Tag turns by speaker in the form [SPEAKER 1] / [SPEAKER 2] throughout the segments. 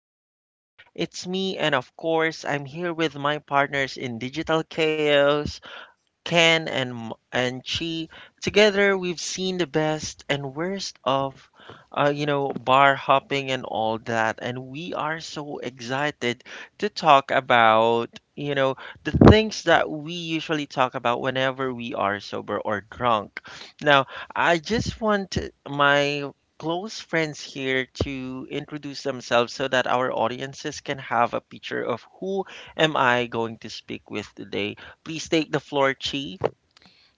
[SPEAKER 1] Pages. It's me, and of course, I'm here with my partners in Digital Chaos. Ken and and Chi. Together, we've seen the best and worst of, bar hopping and all that, and we are so excited to talk about, you know, the things that we usually talk about whenever we are sober or drunk. Now, I just want my close friends here to introduce themselves so that our audiences can have a picture of who am I going to speak with today. Please take the floor, Chi.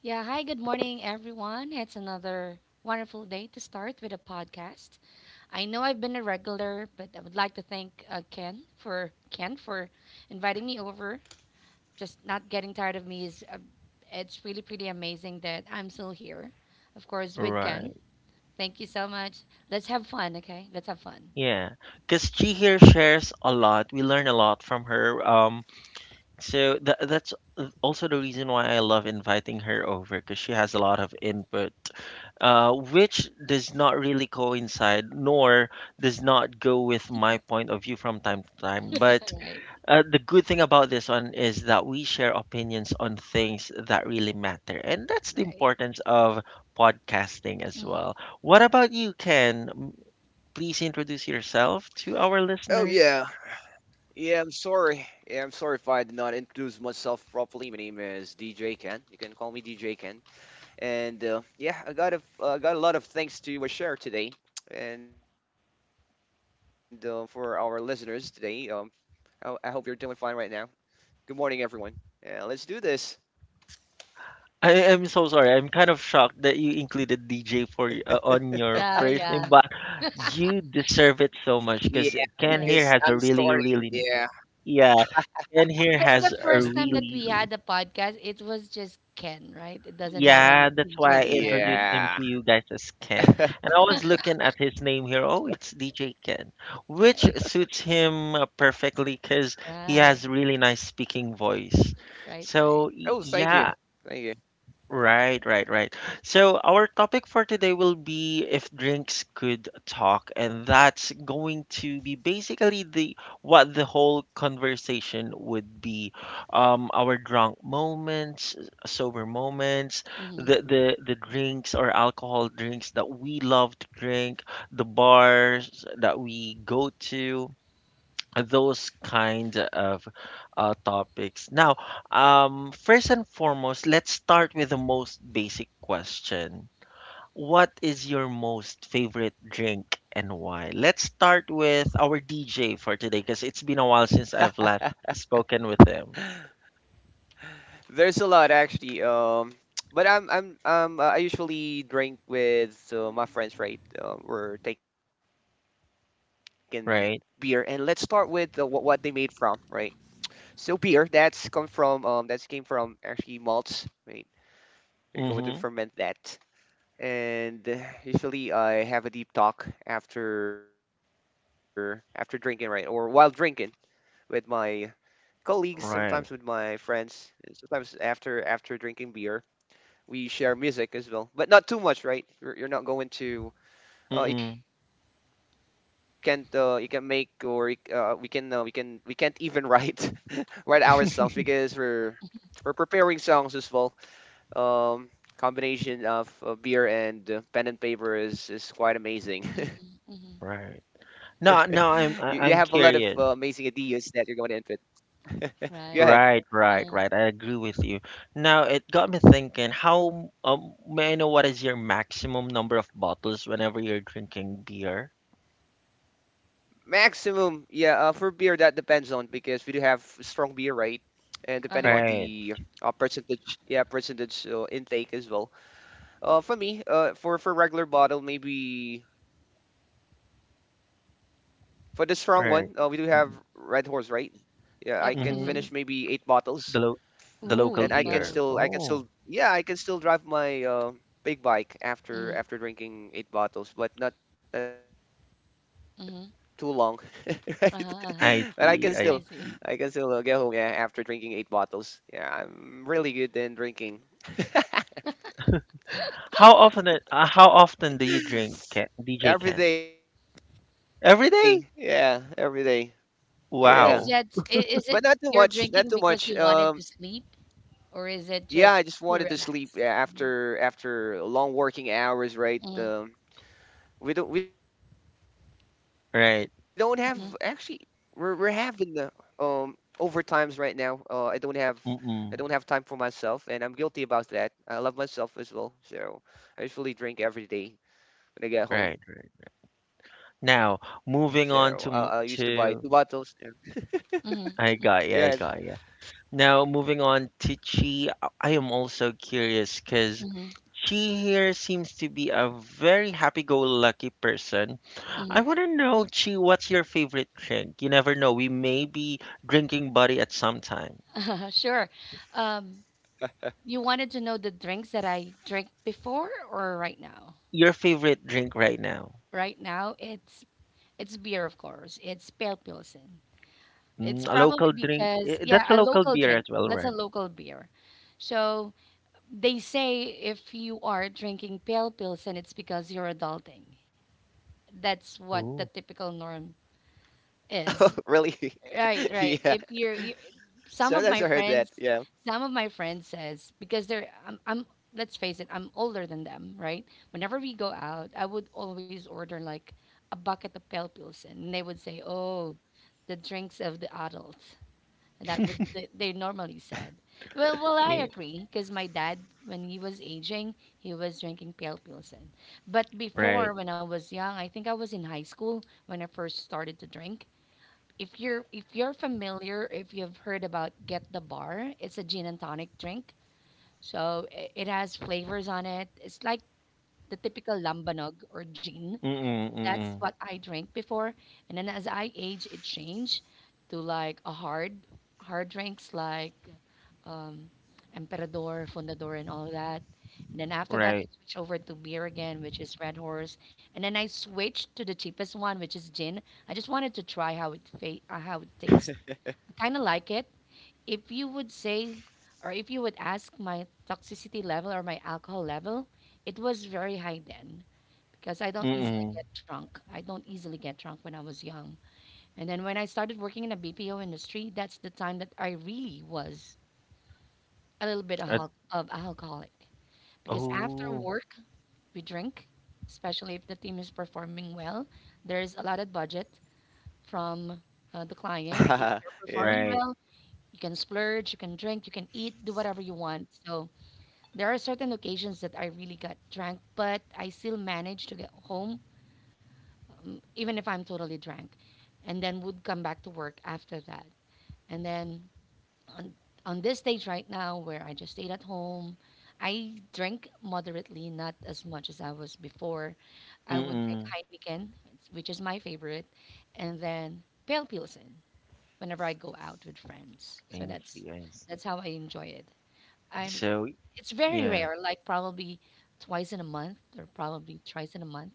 [SPEAKER 2] Yeah, hi, good morning, everyone. It's another wonderful day to start with a podcast. I know I've been a regular, but I would like to thank Ken for inviting me over. Just not getting tired of me is it's really pretty amazing that I'm still here. Of course, with Ken.
[SPEAKER 1] Right.
[SPEAKER 2] Thank you so much. Let's have fun, okay? Let's have fun.
[SPEAKER 1] Yeah, because Chi here shares a lot. We learn a lot from her. So that's also the reason why I love inviting her over because she has a lot of input, which does not really coincide nor does not go with my point of view from time to time. But
[SPEAKER 2] Right,
[SPEAKER 1] The good thing about this one is that we share opinions on things that really matter. And that's the
[SPEAKER 2] right.
[SPEAKER 1] importance of podcasting as
[SPEAKER 2] Hmm.
[SPEAKER 1] well. What about you, Ken? Please introduce
[SPEAKER 3] Oh
[SPEAKER 1] yourself
[SPEAKER 3] yeah,
[SPEAKER 1] to our listeners.
[SPEAKER 3] yeah. I'm sorry. Yeah, I'm sorry if I did not introduce myself properly. My name is DJ Ken. You can call me DJ Ken. And yeah, I got a got a lot of things to share today, and for our listeners today. I hope you're doing fine right now. Good morning, everyone. Yeah, let's do this.
[SPEAKER 1] I am so sorry. I'm kind of shocked that you included DJ on your
[SPEAKER 2] Yeah,
[SPEAKER 1] first
[SPEAKER 2] yeah,
[SPEAKER 1] name, but
[SPEAKER 3] Yeah,
[SPEAKER 1] you deserve it
[SPEAKER 3] because
[SPEAKER 1] so
[SPEAKER 3] I'm
[SPEAKER 1] much because
[SPEAKER 3] starting.
[SPEAKER 1] Ken
[SPEAKER 2] correct.
[SPEAKER 1] here has
[SPEAKER 3] Yeah,
[SPEAKER 1] a really, really, yeah, Ken here
[SPEAKER 2] Because the
[SPEAKER 1] has a
[SPEAKER 2] first time that
[SPEAKER 1] really,
[SPEAKER 2] we
[SPEAKER 1] really.
[SPEAKER 2] had the podcast, it was just Ken, right? It doesn't have any
[SPEAKER 1] Yeah, that's why I
[SPEAKER 2] DJ
[SPEAKER 1] introduced
[SPEAKER 2] Ken.
[SPEAKER 1] him
[SPEAKER 3] yeah.
[SPEAKER 1] to you guys as Ken. And I was looking at his name here. Oh, it's DJ Ken, which
[SPEAKER 2] Right,
[SPEAKER 1] suits him perfectly because he
[SPEAKER 2] right,
[SPEAKER 1] has really nice speaking voice.
[SPEAKER 2] right,
[SPEAKER 1] So
[SPEAKER 2] right.
[SPEAKER 1] y-
[SPEAKER 3] Oh, thank you,
[SPEAKER 1] yeah,
[SPEAKER 3] thank you.
[SPEAKER 1] right, right, right. So our topic for today will be if drinks could talk, and that's going to be basically the what the whole conversation would be. Our drunk moments, sober moments,
[SPEAKER 2] Mhm,
[SPEAKER 1] the
[SPEAKER 3] Mhm.
[SPEAKER 1] drinks or alcohol drinks that we love to drink, the bars that we go to, those kind of topics. Now, first and foremost, let's start with the most basic question. What is your most favorite drink and why? Let's start with our DJ for today because it's been a while since I've last spoken with him,
[SPEAKER 3] There's a lot actually. But I usually drink with my friends, right? We're taking beer, and let's start with
[SPEAKER 1] right?
[SPEAKER 3] what they made from, right? So beer that's came from actually malts, right? They're going to
[SPEAKER 1] Mm-hmm.
[SPEAKER 3] ferment that, and usually I have a deep talk after drinking, right, or while drinking with my colleagues, sometimes with
[SPEAKER 1] Right.
[SPEAKER 3] my friends, and sometimes after drinking beer we share music as well, but not too much, right? You're not going to. You
[SPEAKER 1] Mm-mm.
[SPEAKER 3] can't. You can make we can. We can. We can't even write write our songs because we're preparing songs as well. Um, combination of beer and pen and paper is quite amazing.
[SPEAKER 1] Right.
[SPEAKER 3] you have a lot of
[SPEAKER 1] No, no, I'm
[SPEAKER 3] amazing
[SPEAKER 1] I- I'm
[SPEAKER 3] ideas that you're
[SPEAKER 1] curious.
[SPEAKER 3] going to input. Go ahead.
[SPEAKER 2] right.
[SPEAKER 1] Right, right,
[SPEAKER 2] Mm,
[SPEAKER 1] right. I agree with you. Now, it got me thinking, may I know what is your maximum number of bottles whenever you're drinking beer?
[SPEAKER 3] Maximum, yeah. For beer, that depends on because we do have strong beer, right? And depending on
[SPEAKER 2] uh-huh.
[SPEAKER 3] the
[SPEAKER 1] Right,
[SPEAKER 3] percentage, yeah, percentage intake as well. For me, for regular bottle, maybe for the strong one, we do have
[SPEAKER 1] right.
[SPEAKER 3] Red Horse, right? Yeah, I can
[SPEAKER 2] Yep,
[SPEAKER 3] finish
[SPEAKER 2] mhm.
[SPEAKER 1] Mm-hmm.
[SPEAKER 3] maybe eight bottles
[SPEAKER 1] The lo the
[SPEAKER 2] Ooh,
[SPEAKER 1] local
[SPEAKER 3] and
[SPEAKER 2] eight
[SPEAKER 1] beer.
[SPEAKER 2] bottles.
[SPEAKER 1] Oh,
[SPEAKER 3] I can still drive my big bike
[SPEAKER 2] Mhm,
[SPEAKER 3] after drinking eight bottles, but not too
[SPEAKER 2] mhm.
[SPEAKER 3] long, right?
[SPEAKER 2] Uh-huh,
[SPEAKER 3] but
[SPEAKER 2] uh-huh.
[SPEAKER 1] I see, I
[SPEAKER 3] I
[SPEAKER 2] I
[SPEAKER 3] can
[SPEAKER 2] see.
[SPEAKER 1] see.
[SPEAKER 3] still get home, yeah, after drinking eight bottles. Yeah, I'm really good in drinking
[SPEAKER 1] How often how often do you drink Ken, DJ Ken?
[SPEAKER 3] every day. Yeah,
[SPEAKER 1] Every day?
[SPEAKER 3] every day. Yeah,
[SPEAKER 2] Is
[SPEAKER 1] Wow.
[SPEAKER 2] that is
[SPEAKER 3] but
[SPEAKER 2] it
[SPEAKER 3] not too
[SPEAKER 2] you're
[SPEAKER 3] much. Not
[SPEAKER 2] drinking
[SPEAKER 3] too
[SPEAKER 2] because
[SPEAKER 3] much.
[SPEAKER 2] you wanted to sleep, or is it just to
[SPEAKER 3] Yeah, I just wanted
[SPEAKER 2] relax?
[SPEAKER 3] to sleep, yeah, after long working
[SPEAKER 2] Mhm,
[SPEAKER 3] hours, right? We don't have actually
[SPEAKER 1] Right.
[SPEAKER 3] we're
[SPEAKER 2] mhm,
[SPEAKER 3] having um overtimes right now. I don't have I don't
[SPEAKER 1] Mm-mm.
[SPEAKER 3] have time for myself and I'm guilty about that. I love myself as well. So I usually drink every day
[SPEAKER 1] Right.
[SPEAKER 3] when I get
[SPEAKER 1] right.
[SPEAKER 3] home.
[SPEAKER 1] Now,
[SPEAKER 3] So I
[SPEAKER 1] moving
[SPEAKER 3] used to
[SPEAKER 1] on
[SPEAKER 3] buy
[SPEAKER 1] to
[SPEAKER 3] two
[SPEAKER 1] m-
[SPEAKER 3] bottles.
[SPEAKER 1] to.
[SPEAKER 3] Yeah.
[SPEAKER 2] mhm,
[SPEAKER 1] I
[SPEAKER 3] Go
[SPEAKER 1] got ya,
[SPEAKER 3] ahead.
[SPEAKER 1] I got ya. Now, moving on to Chi, I am also curious because
[SPEAKER 2] mhm,
[SPEAKER 1] Chi here seems to be a very happy-go-lucky person.
[SPEAKER 2] mhm.
[SPEAKER 1] I want to know, Chi, what's your favorite drink? You never know, we may be drinking buddy at some time.
[SPEAKER 2] Sure. Um, you wanted to know the drinks that I drink before or right now?
[SPEAKER 1] Your favorite drink right now?
[SPEAKER 2] Right now, it's beer, of course. It's pale pilsen.
[SPEAKER 1] Mm,
[SPEAKER 2] It's
[SPEAKER 1] a
[SPEAKER 2] probably
[SPEAKER 1] local drink?
[SPEAKER 2] because,
[SPEAKER 1] Eh, that's
[SPEAKER 2] yeah,
[SPEAKER 1] a
[SPEAKER 2] a
[SPEAKER 1] local
[SPEAKER 2] local
[SPEAKER 1] beer as
[SPEAKER 2] drink.
[SPEAKER 1] well,
[SPEAKER 2] That's a
[SPEAKER 1] right?
[SPEAKER 2] local beer. So they say if you are drinking pale pills, and it's because you're adulting. That's what the
[SPEAKER 1] Ooh.
[SPEAKER 2] typical norm
[SPEAKER 3] Oh,
[SPEAKER 2] is.
[SPEAKER 3] really?
[SPEAKER 2] Right, right.
[SPEAKER 3] Yeah.
[SPEAKER 2] If you're, you, some of my
[SPEAKER 3] Sometimes I heard
[SPEAKER 2] friends,
[SPEAKER 3] that.
[SPEAKER 2] some
[SPEAKER 3] Yeah.
[SPEAKER 2] of my friends says because I'm, let's face it, I'm older than them, right? Whenever we go out, I would always order like a bucket of pale pills, and they would say, oh, the drinks of the adult. And that would they normally said. Well, I
[SPEAKER 1] Yeah,
[SPEAKER 2] agree because my dad, when he was aging, he was drinking pale pilsen. But
[SPEAKER 1] right.
[SPEAKER 2] before, when I was young, I think I was in high school when I first started to drink. If you're familiar, if you've heard about Get the Bar, it's a gin and tonic drink. So it has flavors on it. It's like the typical lambanog or gin,
[SPEAKER 1] Mm-mm,
[SPEAKER 2] that's
[SPEAKER 1] mm-mm.
[SPEAKER 2] what I drank before. And then as I age, it changed to like a hard drinks like um, Emperador, Fundador, and all that. And then after that, I
[SPEAKER 1] Right.
[SPEAKER 2] switched over to beer again, which is Red Horse. And then I switched to the cheapest one, which is gin. I just wanted to try how it tastes. I kind of like it, if you would say, or if you would ask my toxicity level or my alcohol level, it was very high then because I don't easily
[SPEAKER 1] Mm-mm.
[SPEAKER 2] get drunk. I don't easily get drunk when I was young. And then when I started working in a BPO industry, that's the time that I really was a little bit
[SPEAKER 1] Uh,
[SPEAKER 2] of alcoholic because after
[SPEAKER 1] oh,
[SPEAKER 2] work, we drink, especially if the team is performing well. There's a lot of budget from the client. If you're performing
[SPEAKER 1] right.
[SPEAKER 2] well,
[SPEAKER 3] Yeah.
[SPEAKER 2] you can splurge, you can drink, you can eat, do whatever you want. So there are certain occasions that I really got drunk, but I still managed to get home, even if I'm totally drunk, and then would come back to work after that. And then on, on this stage right now, where I just stayed at home, I drink moderately, not as much as I was before. I would drink
[SPEAKER 1] Mm-mm.
[SPEAKER 2] Heineken, which is my favorite, and then pale Pilsen whenever I go out with friends. So
[SPEAKER 1] I
[SPEAKER 2] that's
[SPEAKER 1] see, I see.
[SPEAKER 2] that's how I enjoy it. I'm
[SPEAKER 1] So
[SPEAKER 2] it's very
[SPEAKER 1] Yeah,
[SPEAKER 2] rare, like probably twice in a month or probably twice in a month.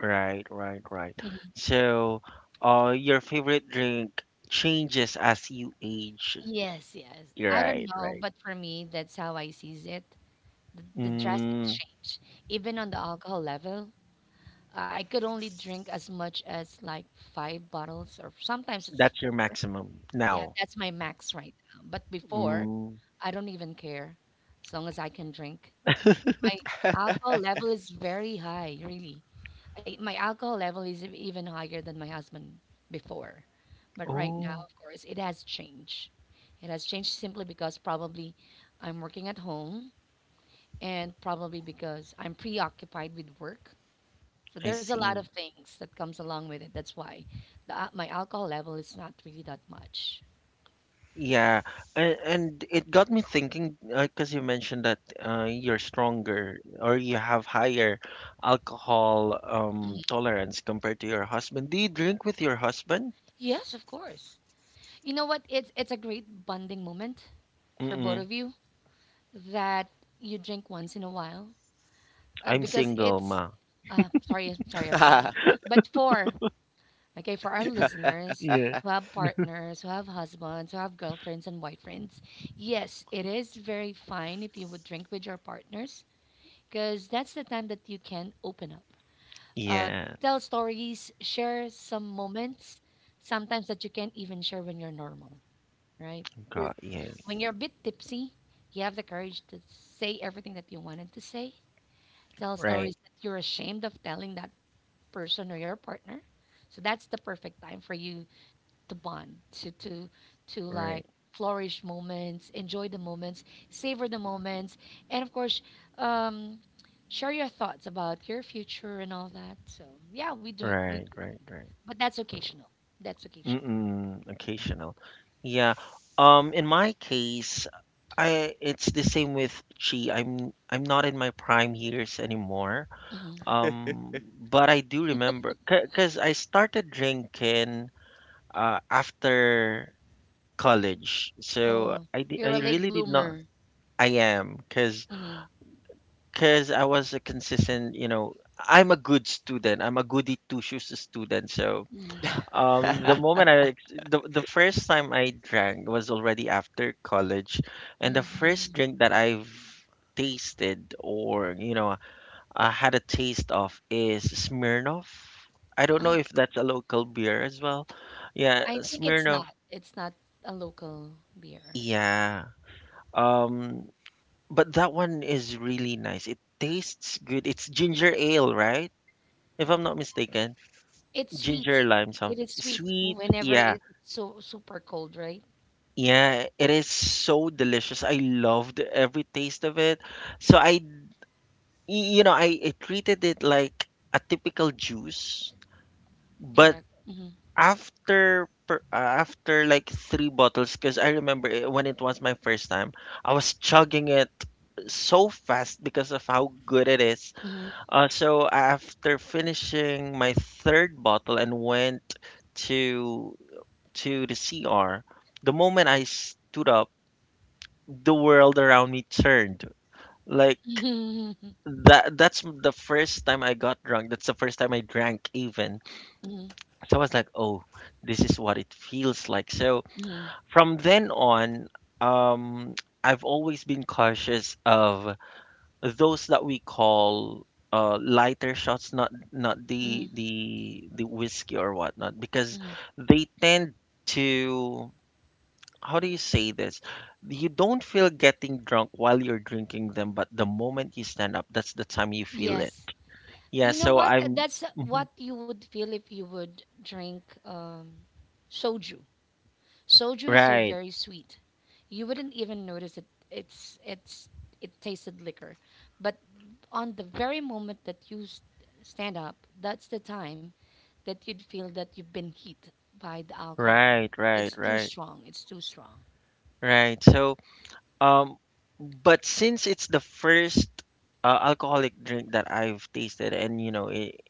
[SPEAKER 1] right, right, right.
[SPEAKER 2] Mhm.
[SPEAKER 1] So, your favorite drink changes as you age.
[SPEAKER 2] Yes, yes. I don't
[SPEAKER 1] Right,
[SPEAKER 2] know,
[SPEAKER 1] right.
[SPEAKER 2] but for me, that's how I sees it. The drastic
[SPEAKER 1] Mm,
[SPEAKER 2] change, even on the alcohol level, I could only drink as much as like 5 bottles, or sometimes it's
[SPEAKER 1] that's your
[SPEAKER 2] four.
[SPEAKER 1] maximum
[SPEAKER 2] Yeah,
[SPEAKER 1] now.
[SPEAKER 2] that's my max right now. But before,
[SPEAKER 1] Mm,
[SPEAKER 2] I don't even care, as long as I can drink. 'Cause my alcohol level is very high, really. My alcohol level is even higher than my husband before. But right now,
[SPEAKER 1] oh,
[SPEAKER 2] of course, it has changed. It has changed simply because probably I'm working at home and probably because I'm preoccupied with work. So
[SPEAKER 1] I
[SPEAKER 2] there's a lot
[SPEAKER 1] see.
[SPEAKER 2] of things that comes along with it. That's why my alcohol level is not really that much.
[SPEAKER 1] Yeah, and,
[SPEAKER 2] It,
[SPEAKER 1] and it got me thinking because you mentioned that you're stronger or you have higher alcohol
[SPEAKER 2] Mhm.
[SPEAKER 1] tolerance compared to your husband. Do you drink with your husband?
[SPEAKER 2] Yes, of course. You know what? It's a great bonding moment for both
[SPEAKER 1] Mm-mm.
[SPEAKER 2] of you that you drink once in a while,
[SPEAKER 1] I'm
[SPEAKER 2] because
[SPEAKER 1] single, ma.
[SPEAKER 2] it's sorry, I'm sorry, I'm sorry. But for okay, for our listeners
[SPEAKER 1] Yeah.
[SPEAKER 2] who have partners, who have husbands, who have girlfriends and boyfriends, yes, it is very fine if you would drink with your partners because that's the time that you can open up, uh,
[SPEAKER 1] Yeah.
[SPEAKER 2] tell stories, share some moments, sometimes that you can't even share when you're normal, right? 'Cause
[SPEAKER 1] Got yeah.
[SPEAKER 2] when you're a bit tipsy, you have the courage to say everything that you wanted to say. Tell
[SPEAKER 1] Right,
[SPEAKER 2] stories that you're ashamed of telling that person or your partner. So that's the perfect time for you to bond, to like
[SPEAKER 1] right,
[SPEAKER 2] flourish moments, enjoy the moments, savor the moments,
[SPEAKER 3] Mhm.
[SPEAKER 2] and of course, um, share your thoughts about your future and all that. So yeah, we do it, we do
[SPEAKER 1] right,
[SPEAKER 2] that.
[SPEAKER 1] right, right.
[SPEAKER 2] But that's occasional. That's occasional.
[SPEAKER 1] Mm-mm, occasional. Yeah. In my case, I it's the same with Chi. I'm not in my prime years anymore.
[SPEAKER 2] Hmm.
[SPEAKER 1] But I do remember because I started drinking after college. So
[SPEAKER 2] Oh,
[SPEAKER 1] I di-
[SPEAKER 2] you're a
[SPEAKER 1] I
[SPEAKER 2] late
[SPEAKER 1] really did not.
[SPEAKER 2] bloomer.
[SPEAKER 1] I am because
[SPEAKER 2] Hmm.
[SPEAKER 1] I was a consistent. I'm a good student. I'm a goody two shoes student. So
[SPEAKER 2] Hmm.
[SPEAKER 1] The moment I ex- the first time I drank was already after college, and the first
[SPEAKER 2] Hmm.
[SPEAKER 1] drink that I've tasted or I had a taste of is Smirnoff. I don't know
[SPEAKER 2] Oh,
[SPEAKER 1] if that's a local beer as well. Yeah,
[SPEAKER 2] I think it's
[SPEAKER 1] Smirnoff.
[SPEAKER 2] not. It's not a local beer.
[SPEAKER 1] Yeah. Um, but that one is really nice. It tastes good. It's ginger ale, right? If I'm not mistaken,
[SPEAKER 2] It's
[SPEAKER 1] ginger
[SPEAKER 2] sweet.
[SPEAKER 1] lime
[SPEAKER 2] It
[SPEAKER 1] something
[SPEAKER 2] is sweet
[SPEAKER 1] sweet.
[SPEAKER 2] whenever
[SPEAKER 1] Yeah.
[SPEAKER 2] it's so super cold, right?
[SPEAKER 1] Yeah, it is so delicious. I loved every taste of it. So I, y- you know, I treated it like a typical juice, but
[SPEAKER 2] Correct. Mm-hmm.
[SPEAKER 1] after like three bottles, because I remember it, when it was my first time, I was chugging it so fast because of how good it is.
[SPEAKER 2] Mm-hmm.
[SPEAKER 1] So after finishing my third bottle and went to the CR, the moment I stood up, the world around me turned. Like that's the first time I got drunk. That's the first time I drank even.
[SPEAKER 2] Mm-hmm.
[SPEAKER 1] So I was like, "Oh, this is what it feels like." So
[SPEAKER 2] Mm-hmm.
[SPEAKER 1] from then on, um I've always been cautious of those that we call lighter shots, not the whiskey or whatnot, because
[SPEAKER 2] Mm-hmm.
[SPEAKER 1] they tend to. How do you say this? You don't feel getting drunk while you're drinking them, but the moment you stand up, that's the time you feel it.
[SPEAKER 2] Yes.
[SPEAKER 1] Yeah,
[SPEAKER 2] You know
[SPEAKER 1] so
[SPEAKER 2] what? That,
[SPEAKER 1] I'm.
[SPEAKER 2] that's what
[SPEAKER 1] Mhm.
[SPEAKER 2] you would feel if you would drink soju. Soju is so
[SPEAKER 1] Right,
[SPEAKER 2] very sweet. You wouldn't even notice it. It's it's it tasted liquor, but on the very moment that you stand up, that's the time that you'd feel that you've been hit by the alcohol.
[SPEAKER 1] right, right,
[SPEAKER 2] It's too
[SPEAKER 1] right,
[SPEAKER 2] strong. It's too strong.
[SPEAKER 1] right. So, um, but since it's the first alcoholic drink that I've tasted, and it,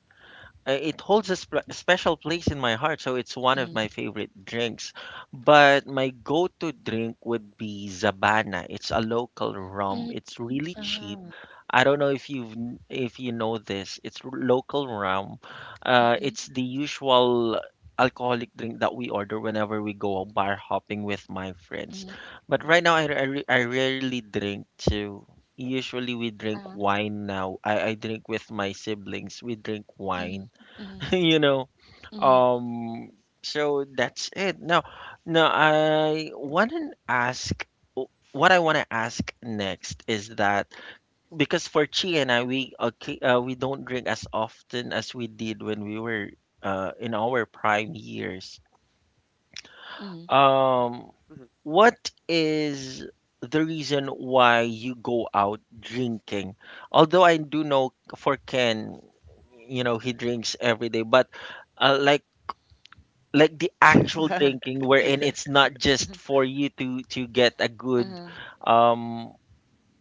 [SPEAKER 1] uh, it holds a special place in my heart, so it's one of
[SPEAKER 2] Mhm.
[SPEAKER 1] my favorite drinks. But my go-to drink would be zabana. It's a local rum.
[SPEAKER 2] Mhm.
[SPEAKER 1] It's really cheap.
[SPEAKER 2] Uh-huh.
[SPEAKER 1] I don't know if you know this. Local rum,
[SPEAKER 2] Mhm.
[SPEAKER 1] it's the usual alcoholic drink that we order whenever we go bar hopping with my friends.
[SPEAKER 2] Mhm.
[SPEAKER 1] But right now, I, r- I, re- I rarely drink too. Usually we drink
[SPEAKER 2] Uh-huh.
[SPEAKER 1] wine now. I drink with my siblings. We drink wine.
[SPEAKER 2] Mhm. Mhm.
[SPEAKER 1] you know
[SPEAKER 2] Mhm.
[SPEAKER 1] um so that's it. Now, now I want to ask what I want to ask next is that, because for Chi and I, we don't drink as often as we did when we were in our prime years.
[SPEAKER 3] Mhm.
[SPEAKER 2] Mhm.
[SPEAKER 1] um what is the reason why you go out drinking? Although I do know for Ken, he drinks every day, but, like, the actual drinking, wherein it's not just for you to get a good,
[SPEAKER 2] Uh-huh.
[SPEAKER 1] um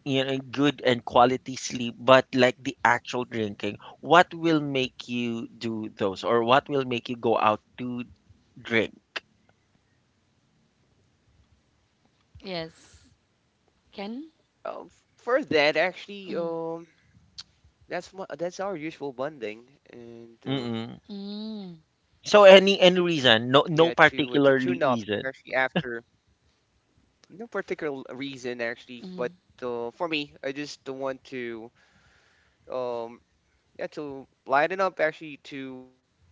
[SPEAKER 1] good and quality sleep, but like the actual drinking. What will
[SPEAKER 3] Mhm.
[SPEAKER 1] make you do those, or what will make you go out to drink?
[SPEAKER 2] Yes. Ken?
[SPEAKER 3] Um, for that, actually,
[SPEAKER 2] Mm.
[SPEAKER 3] that's our usual bonding, and
[SPEAKER 1] Mm-mm.
[SPEAKER 2] Mm.
[SPEAKER 3] yeah,
[SPEAKER 1] So
[SPEAKER 3] to
[SPEAKER 1] any
[SPEAKER 3] tune up
[SPEAKER 1] reason?
[SPEAKER 3] actually
[SPEAKER 1] No, no
[SPEAKER 3] after
[SPEAKER 1] particularly reason.
[SPEAKER 3] no particular reason actually, but
[SPEAKER 2] Mhm.
[SPEAKER 3] for me, I just don't want to um yeah, to lighten up actually to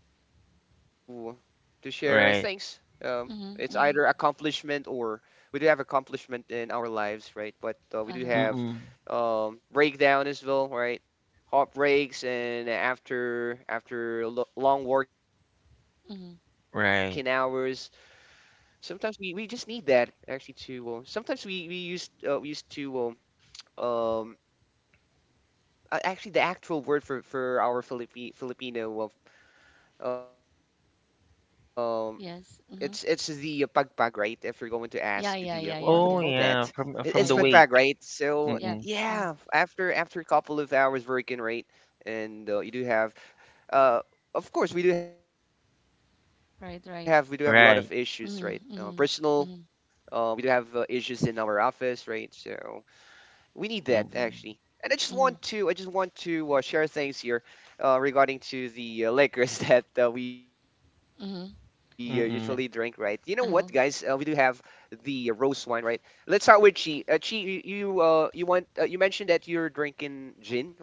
[SPEAKER 3] to share things. Um,
[SPEAKER 1] Right.
[SPEAKER 3] it's either
[SPEAKER 2] Mhm. Mhm.
[SPEAKER 3] accomplishment or we do have accomplishment in our lives, right? But we do
[SPEAKER 2] Uh-huh.
[SPEAKER 3] have
[SPEAKER 1] Mm-mm.
[SPEAKER 3] breakdown as well, right? Heartbreaks and after long working hours,
[SPEAKER 2] Mhm.
[SPEAKER 1] right
[SPEAKER 3] sometimes we just need that actually to. Sometimes we used to um, um, actually the actual word for our Philippi Filipino Um, it's the
[SPEAKER 2] Yes.
[SPEAKER 3] pagpag,
[SPEAKER 2] Mhm.
[SPEAKER 3] right? If you're going to ask the what would you
[SPEAKER 2] Yeah,
[SPEAKER 3] call
[SPEAKER 2] yeah, yeah,
[SPEAKER 3] that?
[SPEAKER 2] yeah,
[SPEAKER 1] oh
[SPEAKER 2] yeah,
[SPEAKER 3] It's
[SPEAKER 1] yeah,
[SPEAKER 3] pagpag,
[SPEAKER 1] from
[SPEAKER 3] right?
[SPEAKER 1] from
[SPEAKER 2] yeah,
[SPEAKER 1] the
[SPEAKER 2] yeah, yeah.
[SPEAKER 1] wake.
[SPEAKER 3] So
[SPEAKER 2] Yep.
[SPEAKER 1] Mm-mm.
[SPEAKER 3] yeah,
[SPEAKER 2] Mm,
[SPEAKER 3] after a couple of hours working, right? And you do have uh, of course we do have a lot of issues, right?
[SPEAKER 2] right, right.
[SPEAKER 3] Personal.
[SPEAKER 1] right
[SPEAKER 2] Mm, mm,
[SPEAKER 3] We do
[SPEAKER 2] mm,
[SPEAKER 3] have issues in our office, right? So we need that actually.
[SPEAKER 1] Mm-mm.
[SPEAKER 3] And I just want
[SPEAKER 2] mm,
[SPEAKER 3] to I just want to share things here regarding to the liquors that we usually drink,
[SPEAKER 2] mm.
[SPEAKER 3] right? You know what, guys?
[SPEAKER 1] Mm-mm.
[SPEAKER 3] We do have
[SPEAKER 2] Uh huh.
[SPEAKER 3] the rose wine, right? Let's start with Chi. Chi, you mentioned that you're drinking gin, right?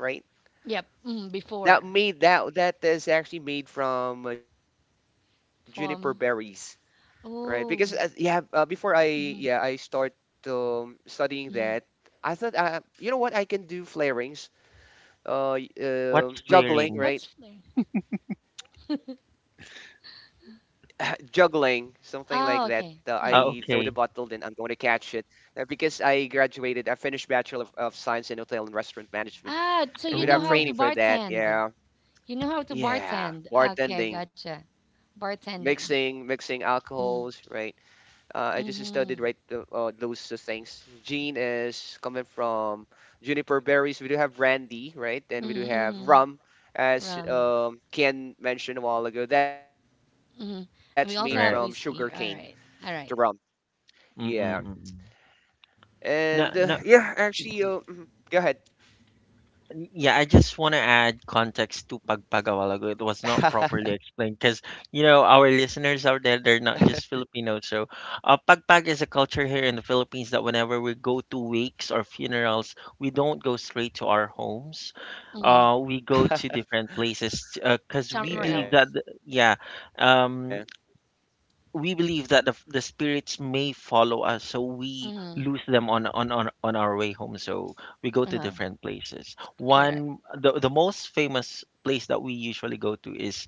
[SPEAKER 2] Yep. Mm,
[SPEAKER 3] That
[SPEAKER 2] before
[SPEAKER 3] made that that is actually made from juniper berries.
[SPEAKER 2] from.
[SPEAKER 3] Right, because
[SPEAKER 2] Oh.
[SPEAKER 3] before I, yeah I
[SPEAKER 2] Mm,
[SPEAKER 3] start studying that,
[SPEAKER 2] mm.
[SPEAKER 3] I thought you know what I can do, flarings,
[SPEAKER 1] What's
[SPEAKER 3] juggling,
[SPEAKER 1] flaring?
[SPEAKER 2] What's
[SPEAKER 3] right?
[SPEAKER 2] flavor?
[SPEAKER 3] Juggling, something like that. I throw the
[SPEAKER 2] Ah,
[SPEAKER 3] bottle,
[SPEAKER 2] okay.
[SPEAKER 3] then I'm
[SPEAKER 1] Ah,
[SPEAKER 2] Mm.
[SPEAKER 3] going to
[SPEAKER 1] okay.
[SPEAKER 3] catch it. Because I graduated, I finished Bachelor of Science in Hotel and Restaurant Management,
[SPEAKER 2] Ah,
[SPEAKER 3] and we
[SPEAKER 2] so
[SPEAKER 3] have
[SPEAKER 2] you know
[SPEAKER 3] training
[SPEAKER 2] how
[SPEAKER 3] for
[SPEAKER 1] Oh.
[SPEAKER 2] to
[SPEAKER 3] that. Yeah,
[SPEAKER 2] bartend. You know how to
[SPEAKER 3] yeah,
[SPEAKER 2] bartend. Okay,
[SPEAKER 3] bartending,
[SPEAKER 2] gotcha.
[SPEAKER 3] mixing
[SPEAKER 2] Bartending.
[SPEAKER 3] alcohols, right?
[SPEAKER 2] Mm,
[SPEAKER 3] I just studied right
[SPEAKER 2] mm-hmm.
[SPEAKER 3] those things. Gene is coming from juniper berries. We do have brandy, right? And we do
[SPEAKER 2] Mm-hmm.
[SPEAKER 3] have rum, as
[SPEAKER 2] Rum.
[SPEAKER 3] Ken mentioned a while ago. That's made
[SPEAKER 2] Mm-hmm.
[SPEAKER 3] from sugar
[SPEAKER 2] And we
[SPEAKER 3] cane,
[SPEAKER 2] also have
[SPEAKER 1] Right.
[SPEAKER 2] whiskey.
[SPEAKER 3] the
[SPEAKER 2] All
[SPEAKER 3] rum.
[SPEAKER 2] right. All right.
[SPEAKER 3] Yeah.
[SPEAKER 1] Mm, mm.
[SPEAKER 3] And
[SPEAKER 1] No, no. y- y-
[SPEAKER 3] go ahead.
[SPEAKER 1] Yeah, I just want to add context to Pagpagawalago. It was not properly explained because, our listeners out there, they're not just Filipinos. So, Pagpag is a culture here in the Philippines that whenever we go to wakes or funerals, we don't go straight to our homes.
[SPEAKER 2] Mm-hmm.
[SPEAKER 1] We go to different places because we
[SPEAKER 2] Somewhere
[SPEAKER 1] believe that,
[SPEAKER 2] else.
[SPEAKER 3] Yeah.
[SPEAKER 1] yeah, um, we believe that the spirits may follow us, so we
[SPEAKER 2] Mm-hmm.
[SPEAKER 1] lose them on our way home. So we go to
[SPEAKER 2] Uh-huh,
[SPEAKER 1] different places.
[SPEAKER 2] correct.
[SPEAKER 1] The most famous place that we usually go to is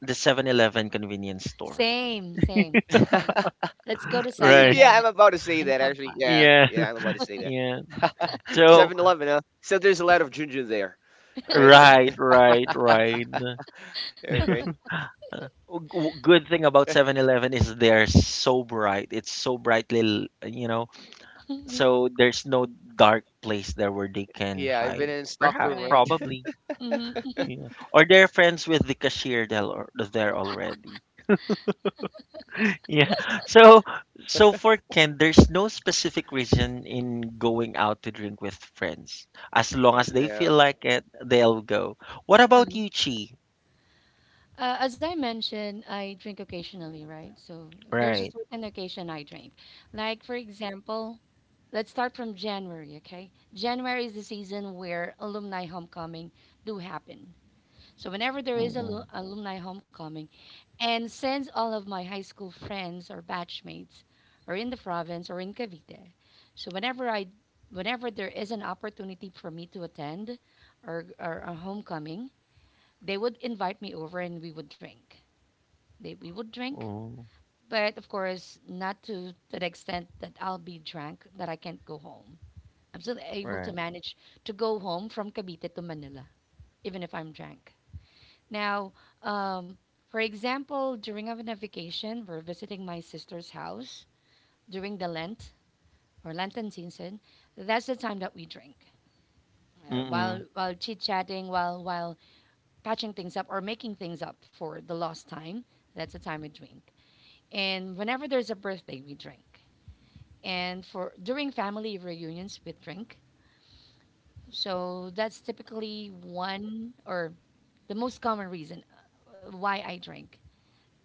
[SPEAKER 1] the 7-Eleven convenience store,
[SPEAKER 2] Same, same, same.
[SPEAKER 3] Yeah, I'm
[SPEAKER 2] Let's go to
[SPEAKER 3] about to
[SPEAKER 2] Seven
[SPEAKER 3] say
[SPEAKER 1] right?
[SPEAKER 3] that
[SPEAKER 2] Eleven 11
[SPEAKER 3] actually.
[SPEAKER 2] and
[SPEAKER 3] Yeah, yeah,
[SPEAKER 2] Pagpag.
[SPEAKER 3] I'm about
[SPEAKER 1] Yeah,
[SPEAKER 3] to say that.
[SPEAKER 1] yeah.
[SPEAKER 3] Seven
[SPEAKER 1] So
[SPEAKER 3] Eleven, huh? So there's a lot of ginger there, right?
[SPEAKER 1] right, right, right.
[SPEAKER 3] Okay.
[SPEAKER 1] W- Good thing about 7-Eleven is they're so bright. It's so brightly so there's no dark place there where they can
[SPEAKER 3] Yeah,
[SPEAKER 1] hide,
[SPEAKER 3] I've been in
[SPEAKER 1] perhaps
[SPEAKER 2] Right.
[SPEAKER 3] stockroom, right?
[SPEAKER 1] probably.
[SPEAKER 2] Mhm, mhm,
[SPEAKER 1] Yeah. Or they're friends with the cashier there or there already. Yeah. So so for Ken, there's no specific reason in going out to drink with friends. As long as they feel
[SPEAKER 3] No.
[SPEAKER 1] like it, they'll go. What about
[SPEAKER 2] uh-huh.
[SPEAKER 1] you, Chi?
[SPEAKER 2] As I mentioned, I drink occasionally, right? So if there's a
[SPEAKER 1] Right.
[SPEAKER 2] certain occasion I drink. Like, for example, let's start from January, okay? January is the season where alumni homecoming do happen. So whenever there is a
[SPEAKER 1] Mm-mm.
[SPEAKER 2] alumni homecoming, and since all of my high school friends or batchmates are in the province or in Cavite, so whenever there is an opportunity for me to attend, or a homecoming, they would invite me over and we would drink. We would drink,
[SPEAKER 1] Mm-mm.
[SPEAKER 2] but of course not to the extent that I'll be drunk that I can't go home. I'm still able to
[SPEAKER 1] Right.
[SPEAKER 2] manage to go home from Cavite to Manila, even if I'm drunk. Now, um, for example, during our vacation, we're visiting my sister's house during the Lent or Lenten season. That's the time that we drink while
[SPEAKER 1] Mm-mm.
[SPEAKER 2] chit chatting, while patching things up or making things up for the lost time. That's the time we drink. And whenever there's a birthday, we drink. And for during family reunions, we drink. So that's typically one or the most common reason why I drink.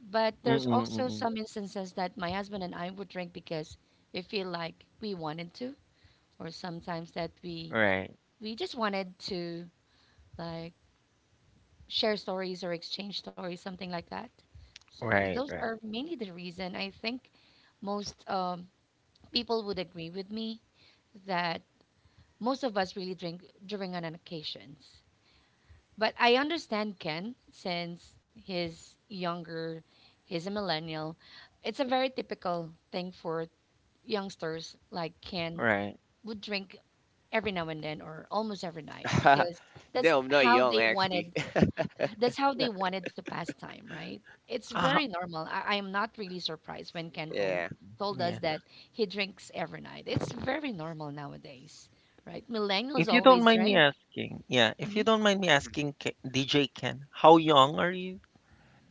[SPEAKER 2] But there's
[SPEAKER 1] Mm-mm.
[SPEAKER 2] also
[SPEAKER 1] Mm-mm.
[SPEAKER 2] some instances that my husband and I would drink because we feel like we wanted to, or sometimes that we
[SPEAKER 1] Right.
[SPEAKER 2] we just wanted to like share stories or exchange stories, something like that. So
[SPEAKER 1] Right.
[SPEAKER 2] those
[SPEAKER 1] Right.
[SPEAKER 2] are mainly the reason I think most people would agree with me that most of us really drink during on occasions. But I understand Ken since he's younger, he's a millennial. It's a very typical thing for youngsters like Ken
[SPEAKER 1] Right.
[SPEAKER 2] would drink every now and then or almost every night because that's
[SPEAKER 3] No, I'm not
[SPEAKER 2] how
[SPEAKER 3] young
[SPEAKER 2] they
[SPEAKER 3] actually.
[SPEAKER 2] wanted that's how
[SPEAKER 1] Yeah.
[SPEAKER 2] they wanted to pass time, right? It's
[SPEAKER 1] Uh,
[SPEAKER 2] very normal. I am
[SPEAKER 3] Yeah.
[SPEAKER 2] not really surprised when Ken told us
[SPEAKER 1] yeah.
[SPEAKER 2] that he drinks every night. It's very normal nowadays, right? Millennials
[SPEAKER 1] If you don't
[SPEAKER 2] always
[SPEAKER 1] mind me
[SPEAKER 2] drink.
[SPEAKER 1] asking, yeah, if you
[SPEAKER 2] Mhm.
[SPEAKER 1] don't mind me
[SPEAKER 3] Mhm.
[SPEAKER 1] asking, DJ Ken, how young are you?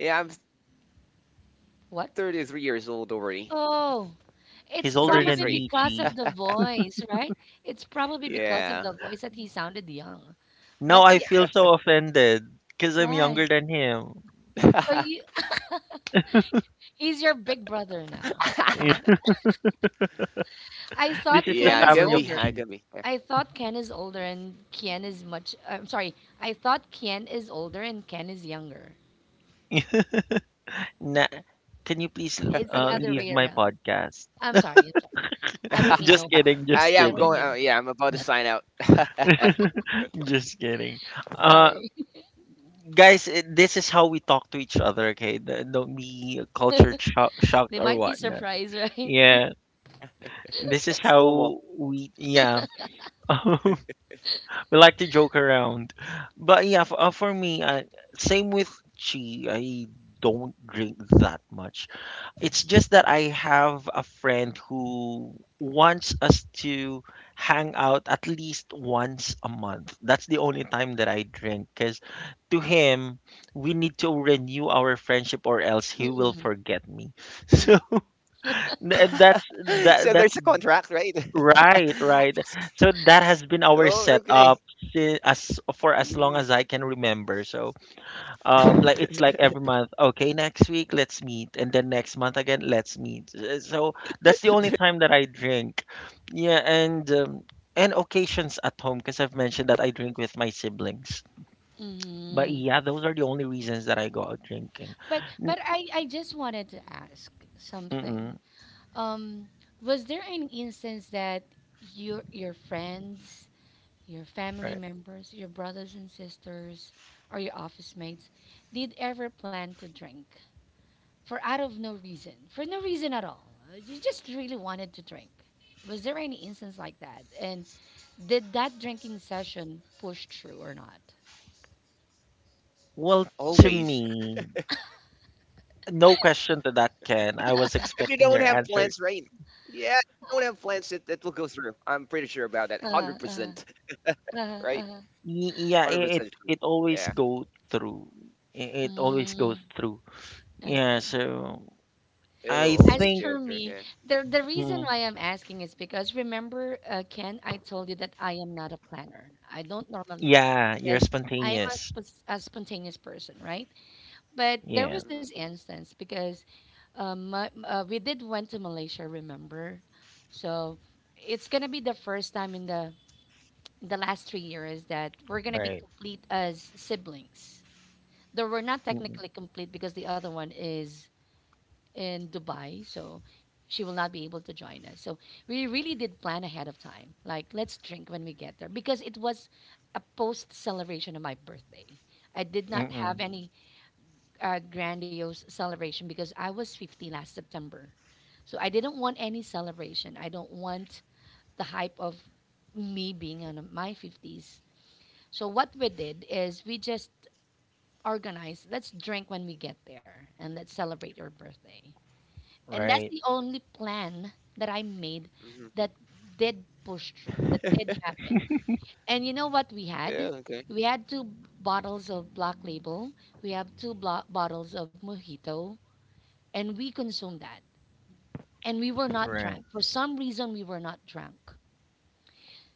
[SPEAKER 3] Yeah, I'm 33 years old already.
[SPEAKER 2] What? Oh,
[SPEAKER 3] 33.
[SPEAKER 2] it's
[SPEAKER 1] He's older
[SPEAKER 2] probably
[SPEAKER 1] than
[SPEAKER 2] because of
[SPEAKER 1] Michi.
[SPEAKER 2] the voice, right? It's probably
[SPEAKER 3] Yeah.
[SPEAKER 2] because of the voice that he sounded young.
[SPEAKER 1] Now
[SPEAKER 2] But
[SPEAKER 1] I
[SPEAKER 2] yeah,
[SPEAKER 1] feel so offended because I'm younger
[SPEAKER 2] why?
[SPEAKER 1] than him.
[SPEAKER 2] So you He's your big brother now, right?
[SPEAKER 1] Eh,
[SPEAKER 3] Yeah, can
[SPEAKER 2] I
[SPEAKER 3] be.
[SPEAKER 1] this
[SPEAKER 2] thought
[SPEAKER 3] I
[SPEAKER 1] is
[SPEAKER 3] can
[SPEAKER 1] the
[SPEAKER 2] Ken
[SPEAKER 3] be.
[SPEAKER 2] is
[SPEAKER 1] family
[SPEAKER 3] Yeah.
[SPEAKER 1] of
[SPEAKER 2] older.
[SPEAKER 1] Chi.
[SPEAKER 2] I thought Ken is older and Ken is much. I'm sorry. I thought Ken is older and Ken is younger.
[SPEAKER 1] Na- can you please
[SPEAKER 2] It's the other
[SPEAKER 1] leave
[SPEAKER 2] way
[SPEAKER 1] my
[SPEAKER 2] around.
[SPEAKER 1] podcast?
[SPEAKER 2] I'm sorry. I'm sorry. I don't mean no
[SPEAKER 1] Just
[SPEAKER 3] uh, yeah,
[SPEAKER 1] kidding,
[SPEAKER 2] harm.
[SPEAKER 3] I'm
[SPEAKER 1] just
[SPEAKER 2] I
[SPEAKER 3] going.
[SPEAKER 2] don't
[SPEAKER 1] kidding.
[SPEAKER 3] Yeah,
[SPEAKER 2] mean,
[SPEAKER 3] I'm
[SPEAKER 2] no.
[SPEAKER 3] about to sign out. It's
[SPEAKER 1] Just kidding. Uh,
[SPEAKER 2] Sorry.
[SPEAKER 1] guys, this is how we talk to each other, okay? Don't be culture cho-
[SPEAKER 2] They
[SPEAKER 1] shocked or
[SPEAKER 2] might be
[SPEAKER 1] whatnot.
[SPEAKER 2] surprised, right?
[SPEAKER 1] Yeah, this is how
[SPEAKER 3] normal.
[SPEAKER 1] we, yeah. We like to joke around. But yeah, for me, same with Chi. I don't drink that much. It's just that I have a friend who wants us to hang out at least once a month. That's the only time that I drink because to him, we need to renew our friendship or else he will
[SPEAKER 2] Mm,
[SPEAKER 1] forget me.
[SPEAKER 2] mm,
[SPEAKER 1] So
[SPEAKER 3] So there's a contract,
[SPEAKER 1] th-
[SPEAKER 3] right?
[SPEAKER 1] that's that that's Right, right. So
[SPEAKER 3] Oh,
[SPEAKER 1] that has
[SPEAKER 3] okay.
[SPEAKER 1] been our setup as for as
[SPEAKER 3] Mm.
[SPEAKER 1] long as I can remember. So, like it's like every month. Okay,
[SPEAKER 3] There's
[SPEAKER 1] next
[SPEAKER 3] a
[SPEAKER 1] week let's
[SPEAKER 3] contract.
[SPEAKER 1] meet, and then next month again let's meet. So that's the only time that I drink. Yeah, and occasions at home because I've mentioned that I drink with my siblings. But
[SPEAKER 2] mm.
[SPEAKER 1] yeah, those are the only reasons that I go out drinking.
[SPEAKER 2] But
[SPEAKER 1] N-
[SPEAKER 2] I just wanted to ask something.
[SPEAKER 1] Mm-mm,
[SPEAKER 2] Um, was there any instance that your friends your family
[SPEAKER 1] right.
[SPEAKER 2] members, your brothers and sisters, or your office mates did ever plan to drink for out of no reason, for no reason at all? You just really wanted to drink. Was there any instance like that? And did that drinking session push through or not?
[SPEAKER 1] Well, to
[SPEAKER 3] Always.
[SPEAKER 1] me, no question
[SPEAKER 3] If
[SPEAKER 1] to
[SPEAKER 3] you
[SPEAKER 1] that,
[SPEAKER 3] don't have
[SPEAKER 1] Ken. I
[SPEAKER 3] plans,
[SPEAKER 1] was
[SPEAKER 3] right?
[SPEAKER 1] expecting your answer.
[SPEAKER 3] Yeah, if you don't have plans, it will go through. I'm pretty sure about that.
[SPEAKER 2] Uh,
[SPEAKER 3] 100%,
[SPEAKER 2] uh, uh,
[SPEAKER 3] right?
[SPEAKER 2] uh.
[SPEAKER 1] Yeah,
[SPEAKER 3] 100%
[SPEAKER 1] i- it
[SPEAKER 3] sure.
[SPEAKER 1] it
[SPEAKER 3] Yeah,
[SPEAKER 1] always go through. It always
[SPEAKER 2] Mm,
[SPEAKER 1] goes through.
[SPEAKER 3] it will
[SPEAKER 1] Yeah,
[SPEAKER 2] okay.
[SPEAKER 1] so
[SPEAKER 3] always go through. Yeah.
[SPEAKER 1] I
[SPEAKER 2] As
[SPEAKER 1] think,
[SPEAKER 2] for me, the reason
[SPEAKER 1] mm,
[SPEAKER 2] why I'm asking is because remember, Ken, I told you that I am not a planner. I don't normally plan
[SPEAKER 1] yeah, you're
[SPEAKER 2] because I am a,
[SPEAKER 1] spontaneous.
[SPEAKER 2] sp- a spontaneous person, right? But
[SPEAKER 3] Hmm.
[SPEAKER 2] there
[SPEAKER 1] Yeah,
[SPEAKER 2] was this instance because we did went to Malaysia, remember? So it's gonna be the first time in the last 3 years that we're gonna be
[SPEAKER 1] right.
[SPEAKER 2] complete as siblings. Though we're not
[SPEAKER 1] Mm-mm.
[SPEAKER 2] technically complete because the other one is in Dubai, so she will not be able to join us. So we really did plan ahead of time. Like, let's drink when we get there because it was a post celebration of my birthday. I did not have
[SPEAKER 1] Mm-mm.
[SPEAKER 2] any grandiose celebration because I was 50 last September. So I didn't want any celebration. I don't want the hype of me being in my 50s. So what we did is we just organized, let's drink when we get there and let's celebrate your birthday. And that's
[SPEAKER 1] Right.
[SPEAKER 2] the only
[SPEAKER 3] Hmm.
[SPEAKER 2] plan that I made that did push through, that did happen. And you know what
[SPEAKER 3] Yeah,
[SPEAKER 2] we
[SPEAKER 3] okay.
[SPEAKER 2] had? We had two bottles of Black Label, we have two bottles of Mojito, and we consumed that. And we were not
[SPEAKER 1] Right.
[SPEAKER 2] drunk. For some reason, we were not drunk.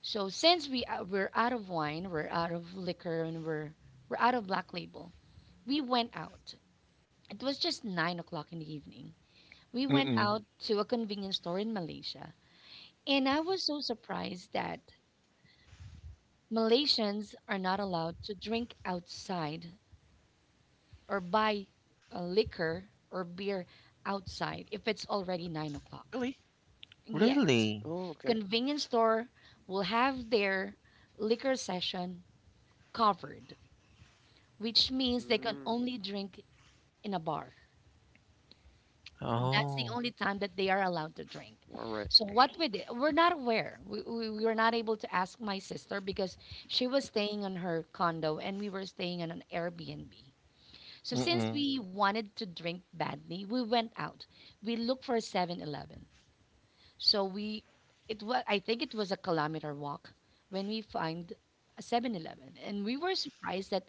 [SPEAKER 2] So since we're out of wine, we're out of liquor, and we're out of Black Label, we went out. It was just 9 o'clock in the evening. We went
[SPEAKER 1] Mm-mm.
[SPEAKER 2] out to a convenience store in Malaysia. And I was so surprised that Malaysians are not allowed to drink outside or buy liquor or beer outside if
[SPEAKER 3] Really?
[SPEAKER 2] it's already 9 o'clock.
[SPEAKER 3] Oh,
[SPEAKER 2] Yes,
[SPEAKER 3] okay.
[SPEAKER 1] Really?
[SPEAKER 2] convenience store will have their liquor session covered, which means they can
[SPEAKER 3] Mm,
[SPEAKER 2] only drink in a bar. That's the
[SPEAKER 1] Oh.
[SPEAKER 2] only
[SPEAKER 3] all
[SPEAKER 2] time that
[SPEAKER 3] right.
[SPEAKER 2] they are allowed to drink. So what we did, we're not aware. We were not able to ask my sister because she was staying on her condo and we were staying on an Airbnb. So since
[SPEAKER 1] Mm-mm.
[SPEAKER 2] we wanted to drink badly, we went out. We looked for a 7-Eleven. So it was I think it was a kilometer walk when we find a 7-Eleven, and we were surprised that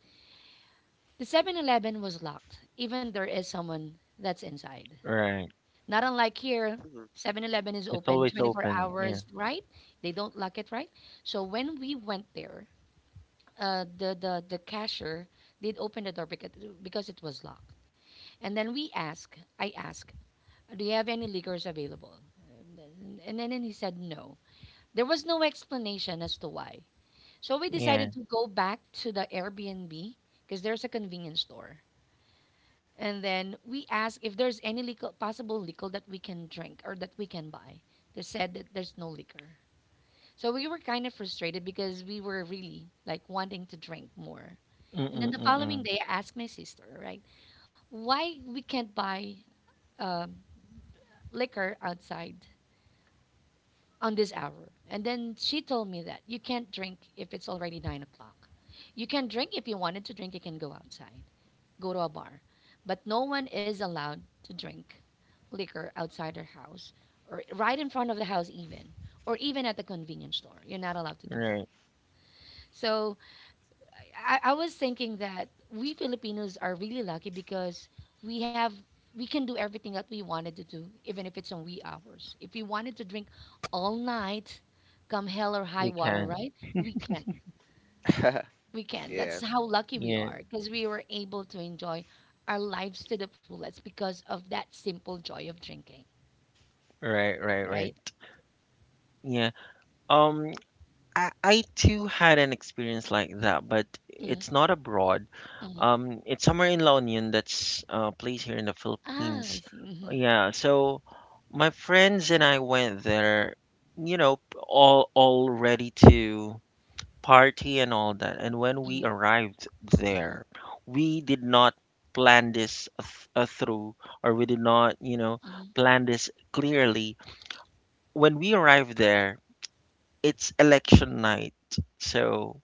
[SPEAKER 2] the 7-Eleven was locked, even there is
[SPEAKER 3] Mhm.
[SPEAKER 2] someone that's inside.
[SPEAKER 1] Right.
[SPEAKER 2] Not unlike here, 7-Eleven is
[SPEAKER 1] It's
[SPEAKER 2] open
[SPEAKER 1] always
[SPEAKER 2] 24
[SPEAKER 1] open. Yeah.
[SPEAKER 2] hours, right? They don't lock it, right? So when we went there, the cashier did open the door because it was locked. And then we asked, I asked, do you have any liquors available? And then he said no. There was no explanation as to why. So we
[SPEAKER 1] Yeah.
[SPEAKER 2] decided to go back to the Airbnb because there's a convenience store. And then we asked if there's any liquor, possible liquor that we can drink or that we can buy. They said that there's no liquor. So we were kind of frustrated because we were really like wanting to drink more. And then
[SPEAKER 1] Mm-mm.
[SPEAKER 2] the following
[SPEAKER 1] Mm-mm.
[SPEAKER 2] day, I asked my sister, right, why we can't buy um, liquor outside on this hour. And then she told me that you can't drink if it's already 9 o'clock. You can drink if you wanted to drink, you can go outside. Go to a bar, but no one is allowed to drink liquor outside their house or right in front of the house, even or even at the convenience store. You're not allowed to do that.
[SPEAKER 1] Right.
[SPEAKER 2] So I was thinking that we Filipinos are really lucky because we have we can do everything that we wanted to do, even if it's on wee hours. If we wanted to drink all night, come hell or high
[SPEAKER 1] We
[SPEAKER 2] water,
[SPEAKER 1] can.
[SPEAKER 2] right? We can we can. That's
[SPEAKER 3] Yeah.
[SPEAKER 2] how lucky we
[SPEAKER 1] Yeah.
[SPEAKER 2] are because we were able to enjoy our lives to the fullest because of that simple joy of drinking,
[SPEAKER 1] Right, right,
[SPEAKER 2] right?
[SPEAKER 1] right. Yeah. Um I too had an experience like that, but it's
[SPEAKER 2] Mm-hmm,
[SPEAKER 1] not abroad.
[SPEAKER 2] mm-hmm.
[SPEAKER 1] It's somewhere in La Union, that's a place here in the
[SPEAKER 2] Ah,
[SPEAKER 1] Philippines.
[SPEAKER 2] I see. Mm-hmm,
[SPEAKER 1] Yeah, so my friends and I went there, all ready to party and all that. And when we
[SPEAKER 2] mm-hmm,
[SPEAKER 1] arrived
[SPEAKER 2] mm-hmm,
[SPEAKER 1] there, we did not plan this through, or we did not,
[SPEAKER 2] mm-hmm.
[SPEAKER 1] plan this clearly. When we arrived there, it's election night, so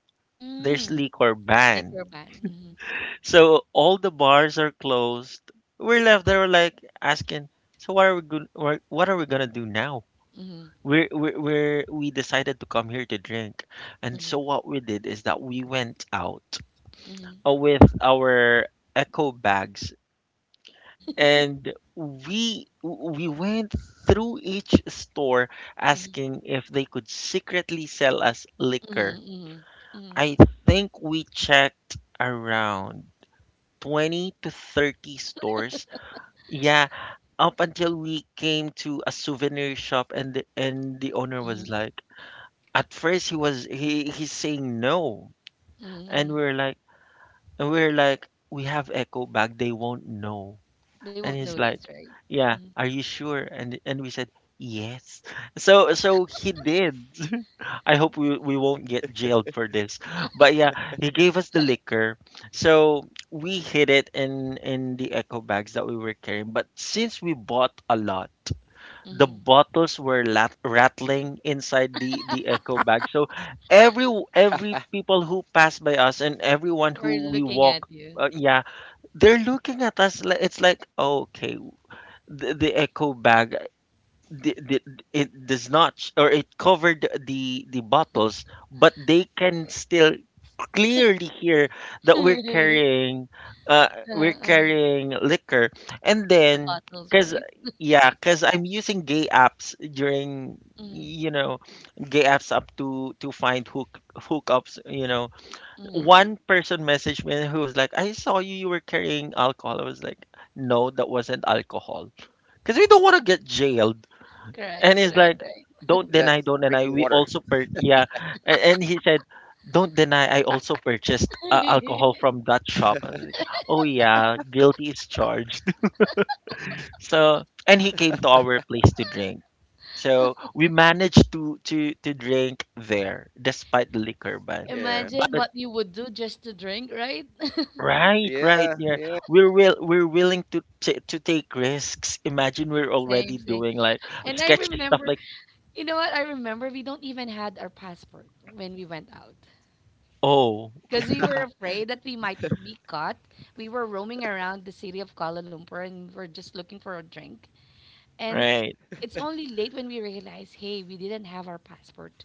[SPEAKER 1] there's
[SPEAKER 2] Mm,
[SPEAKER 1] liquor ban.
[SPEAKER 2] liquor ban. Mm-hmm,
[SPEAKER 1] So all the bars are closed. We're left there like asking, so what are we gonna do now?
[SPEAKER 2] mm-hmm,
[SPEAKER 1] We decided to come here to drink. And so
[SPEAKER 2] mm-hmm,
[SPEAKER 1] what we did is that we went out,
[SPEAKER 2] mm-hmm,
[SPEAKER 1] with our echo bags, and we went through each store
[SPEAKER 2] mm-hmm,
[SPEAKER 1] asking if they could secretly sell us liquor.
[SPEAKER 2] mm-hmm, mm-hmm,
[SPEAKER 1] I think we checked around 20 to 30 stores. Yeah, up until we came to a souvenir shop, and the owner was
[SPEAKER 2] mm-hmm,
[SPEAKER 1] like, at first he was he he's saying no, and we
[SPEAKER 2] mm-hmm.
[SPEAKER 1] are like, we have echo back, they won't know.
[SPEAKER 2] They
[SPEAKER 1] And
[SPEAKER 2] won't
[SPEAKER 1] he's like,
[SPEAKER 2] notice, right?
[SPEAKER 1] yeah, are you sure? And we said yes.
[SPEAKER 3] Hmm.
[SPEAKER 1] So he did. I hope we won't get jailed for this. But yeah, he gave us the liquor. So we hid it in the echo bags that we were carrying. But since we bought a lot, the
[SPEAKER 2] Mm-hmm.
[SPEAKER 1] bottles were rattling inside the echo bag. So
[SPEAKER 3] Ah.
[SPEAKER 1] every every people who passed by us and everyone
[SPEAKER 2] Or
[SPEAKER 1] who we
[SPEAKER 2] looking
[SPEAKER 1] walk,
[SPEAKER 2] at you.
[SPEAKER 1] yeah, they're looking at us like, it's like, okay, the echo bag, the, the, it does not, or it covered the bottles, but they can still clearly hear that
[SPEAKER 2] Uh-huh,
[SPEAKER 1] uh we're
[SPEAKER 2] uh-huh.
[SPEAKER 1] carrying liquor. And
[SPEAKER 2] The
[SPEAKER 1] then,
[SPEAKER 2] bottles,
[SPEAKER 1] because
[SPEAKER 2] right?
[SPEAKER 1] yeah, because I'm using gay apps during,
[SPEAKER 2] Mm-hmm,
[SPEAKER 1] you know gay apps up to find hookups.
[SPEAKER 2] mm-hmm.
[SPEAKER 3] Hmm.
[SPEAKER 1] One person messaged me who was like, I saw you were carrying alcohol. I was like, no, that wasn't alcohol because we don't want to get jailed.
[SPEAKER 2] Correct,
[SPEAKER 1] And he's
[SPEAKER 2] right,
[SPEAKER 3] That's
[SPEAKER 1] like,
[SPEAKER 3] drinking
[SPEAKER 1] don't
[SPEAKER 3] water.
[SPEAKER 1] deny, don't deny, we also per yeah. And, he said, don't
[SPEAKER 3] Ah,
[SPEAKER 1] deny, I also purchased,
[SPEAKER 2] right.
[SPEAKER 1] alcohol from that shop. I was like, oh yeah, guilty is charged. So, and he came to our place to drink. So we managed to drink there despite the liquor
[SPEAKER 3] yeah.
[SPEAKER 1] ban.
[SPEAKER 2] Imagine
[SPEAKER 1] But
[SPEAKER 2] what you would do just to drink, right?
[SPEAKER 1] right,
[SPEAKER 3] Yeah,
[SPEAKER 1] right, yeah,
[SPEAKER 3] yeah.
[SPEAKER 1] we're willing to to take risks. Imagine we're already
[SPEAKER 2] Same, same.
[SPEAKER 1] doing like
[SPEAKER 2] And I
[SPEAKER 1] sketchy stuff
[SPEAKER 2] remember,
[SPEAKER 1] like.
[SPEAKER 2] you know what? I remember we don't even had our passport when we went out
[SPEAKER 1] Oh.
[SPEAKER 2] because we were afraid that we might be caught. We were roaming around the city of Kuala Lumpur and we were just looking for a drink. And
[SPEAKER 1] Right.
[SPEAKER 2] it's only late when we realized, hey, we didn't have our
[SPEAKER 3] Mhm.
[SPEAKER 2] passport.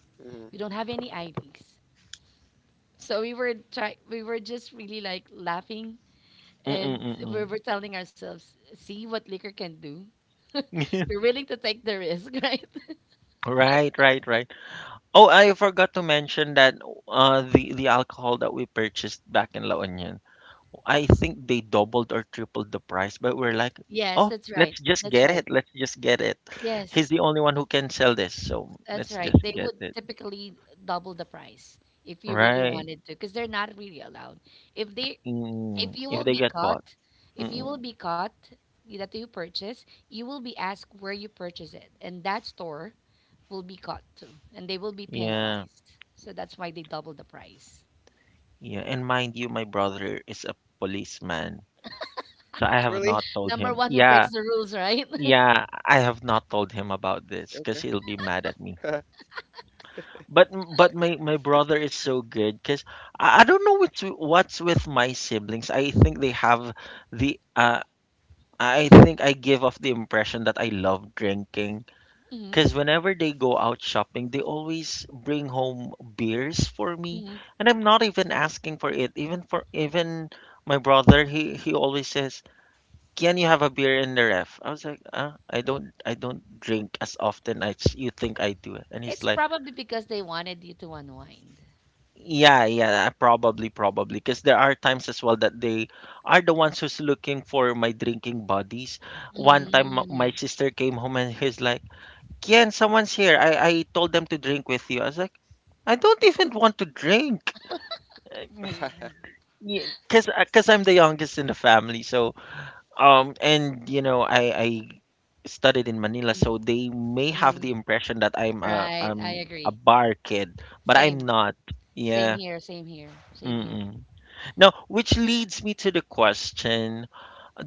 [SPEAKER 2] We don't have any IDs. So we were just really like laughing and
[SPEAKER 1] Mm-mm-mm.
[SPEAKER 2] we're telling ourselves, see what liquor can do. We're willing to take the risk, right?
[SPEAKER 1] Right, right, right. Oh, I forgot to mention that, the alcohol that we purchased back in La Union, I think they doubled or tripled the price, but we're like,
[SPEAKER 2] Yes,
[SPEAKER 1] oh,
[SPEAKER 2] that's right.
[SPEAKER 1] let's just
[SPEAKER 2] That's
[SPEAKER 1] get
[SPEAKER 2] right.
[SPEAKER 1] it. Let's just get it.
[SPEAKER 2] Yes,
[SPEAKER 1] He's the only one who can sell this, so
[SPEAKER 2] that's
[SPEAKER 1] let's
[SPEAKER 2] right.
[SPEAKER 1] just
[SPEAKER 2] They
[SPEAKER 1] get
[SPEAKER 2] would
[SPEAKER 1] it.
[SPEAKER 2] typically double the price if you really
[SPEAKER 1] Right.
[SPEAKER 2] wanted to, because they're not really allowed. If they,
[SPEAKER 1] Mm,
[SPEAKER 2] if you
[SPEAKER 1] if
[SPEAKER 2] will
[SPEAKER 1] they
[SPEAKER 2] be
[SPEAKER 1] get caught.
[SPEAKER 2] caught, if you will
[SPEAKER 1] Mm,
[SPEAKER 2] be caught that you purchase, you will be asked where you purchase it, and that store will be caught too, and they will be
[SPEAKER 1] yeah,
[SPEAKER 2] penalized. So that's why they double the price.
[SPEAKER 1] yeah. And mind you, my brother is a policeman, so I have
[SPEAKER 3] Really?
[SPEAKER 1] not told
[SPEAKER 2] Number
[SPEAKER 1] him.
[SPEAKER 2] one who
[SPEAKER 1] Yeah,
[SPEAKER 2] breaks the rules, right?
[SPEAKER 1] yeah, I have not
[SPEAKER 3] Okay.
[SPEAKER 1] told him about this because he'll be mad at me. But my brother is so good because I don't know what's with my siblings. I think they have the, I think I give off the impression that I love drinking
[SPEAKER 2] Mhm,
[SPEAKER 1] because whenever they go out shopping, they always bring home beers for me,
[SPEAKER 2] mhm.
[SPEAKER 1] and I'm not even asking for it. Even my brother, he always says, "Can you have a beer in the ref?" I was like, "I don't drink as often as you think I do," and he's
[SPEAKER 2] It's
[SPEAKER 1] like.
[SPEAKER 2] probably because they wanted you to unwind.
[SPEAKER 1] Yeah, yeah, probably, probably. Because there are times as well that they are the ones who's looking for my drinking buddies. One time, m-
[SPEAKER 2] Mm,
[SPEAKER 1] my sister came home and he's like, Kian, someone's here. I told them to drink with you. I was like, I don't even want to drink. Because cause I'm the youngest in the family. So, and, I studied in Manila.
[SPEAKER 2] mm,
[SPEAKER 1] So they may have
[SPEAKER 2] mm.
[SPEAKER 1] the impression that I'm a,
[SPEAKER 2] Right, I
[SPEAKER 1] I'm a
[SPEAKER 2] agree.
[SPEAKER 1] bar kid, but I'm
[SPEAKER 2] Same,
[SPEAKER 1] not.
[SPEAKER 2] same
[SPEAKER 1] Yeah.
[SPEAKER 2] here, same here, same here.
[SPEAKER 1] Mm-mm. Now, which leads me to the question,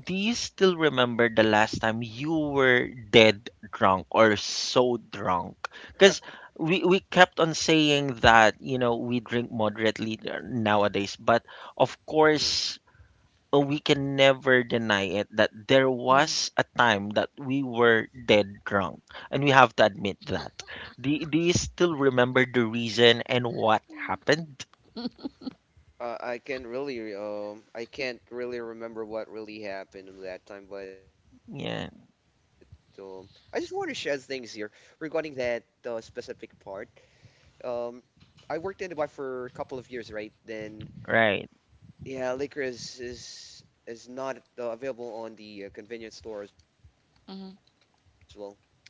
[SPEAKER 1] do you still remember the last time you were dead drunk or so drunk? Because we kept on saying that, we drink moderately nowadays, but of
[SPEAKER 3] Mhm.
[SPEAKER 1] course, we can never deny it that there
[SPEAKER 2] Mhm,
[SPEAKER 1] was a time that we were dead drunk, and we have to admit that. Do you still remember the reason and what happened?
[SPEAKER 3] I can't really remember what really happened in that time, but um,
[SPEAKER 1] Yeah,
[SPEAKER 3] I just want to share things here regarding that specific part. Um, I worked in Dubai for a couple of years, right? Then,
[SPEAKER 1] right,
[SPEAKER 3] yeah, liquor is not available on the convenience store as well. You,
[SPEAKER 2] mhm,
[SPEAKER 3] you should have a license,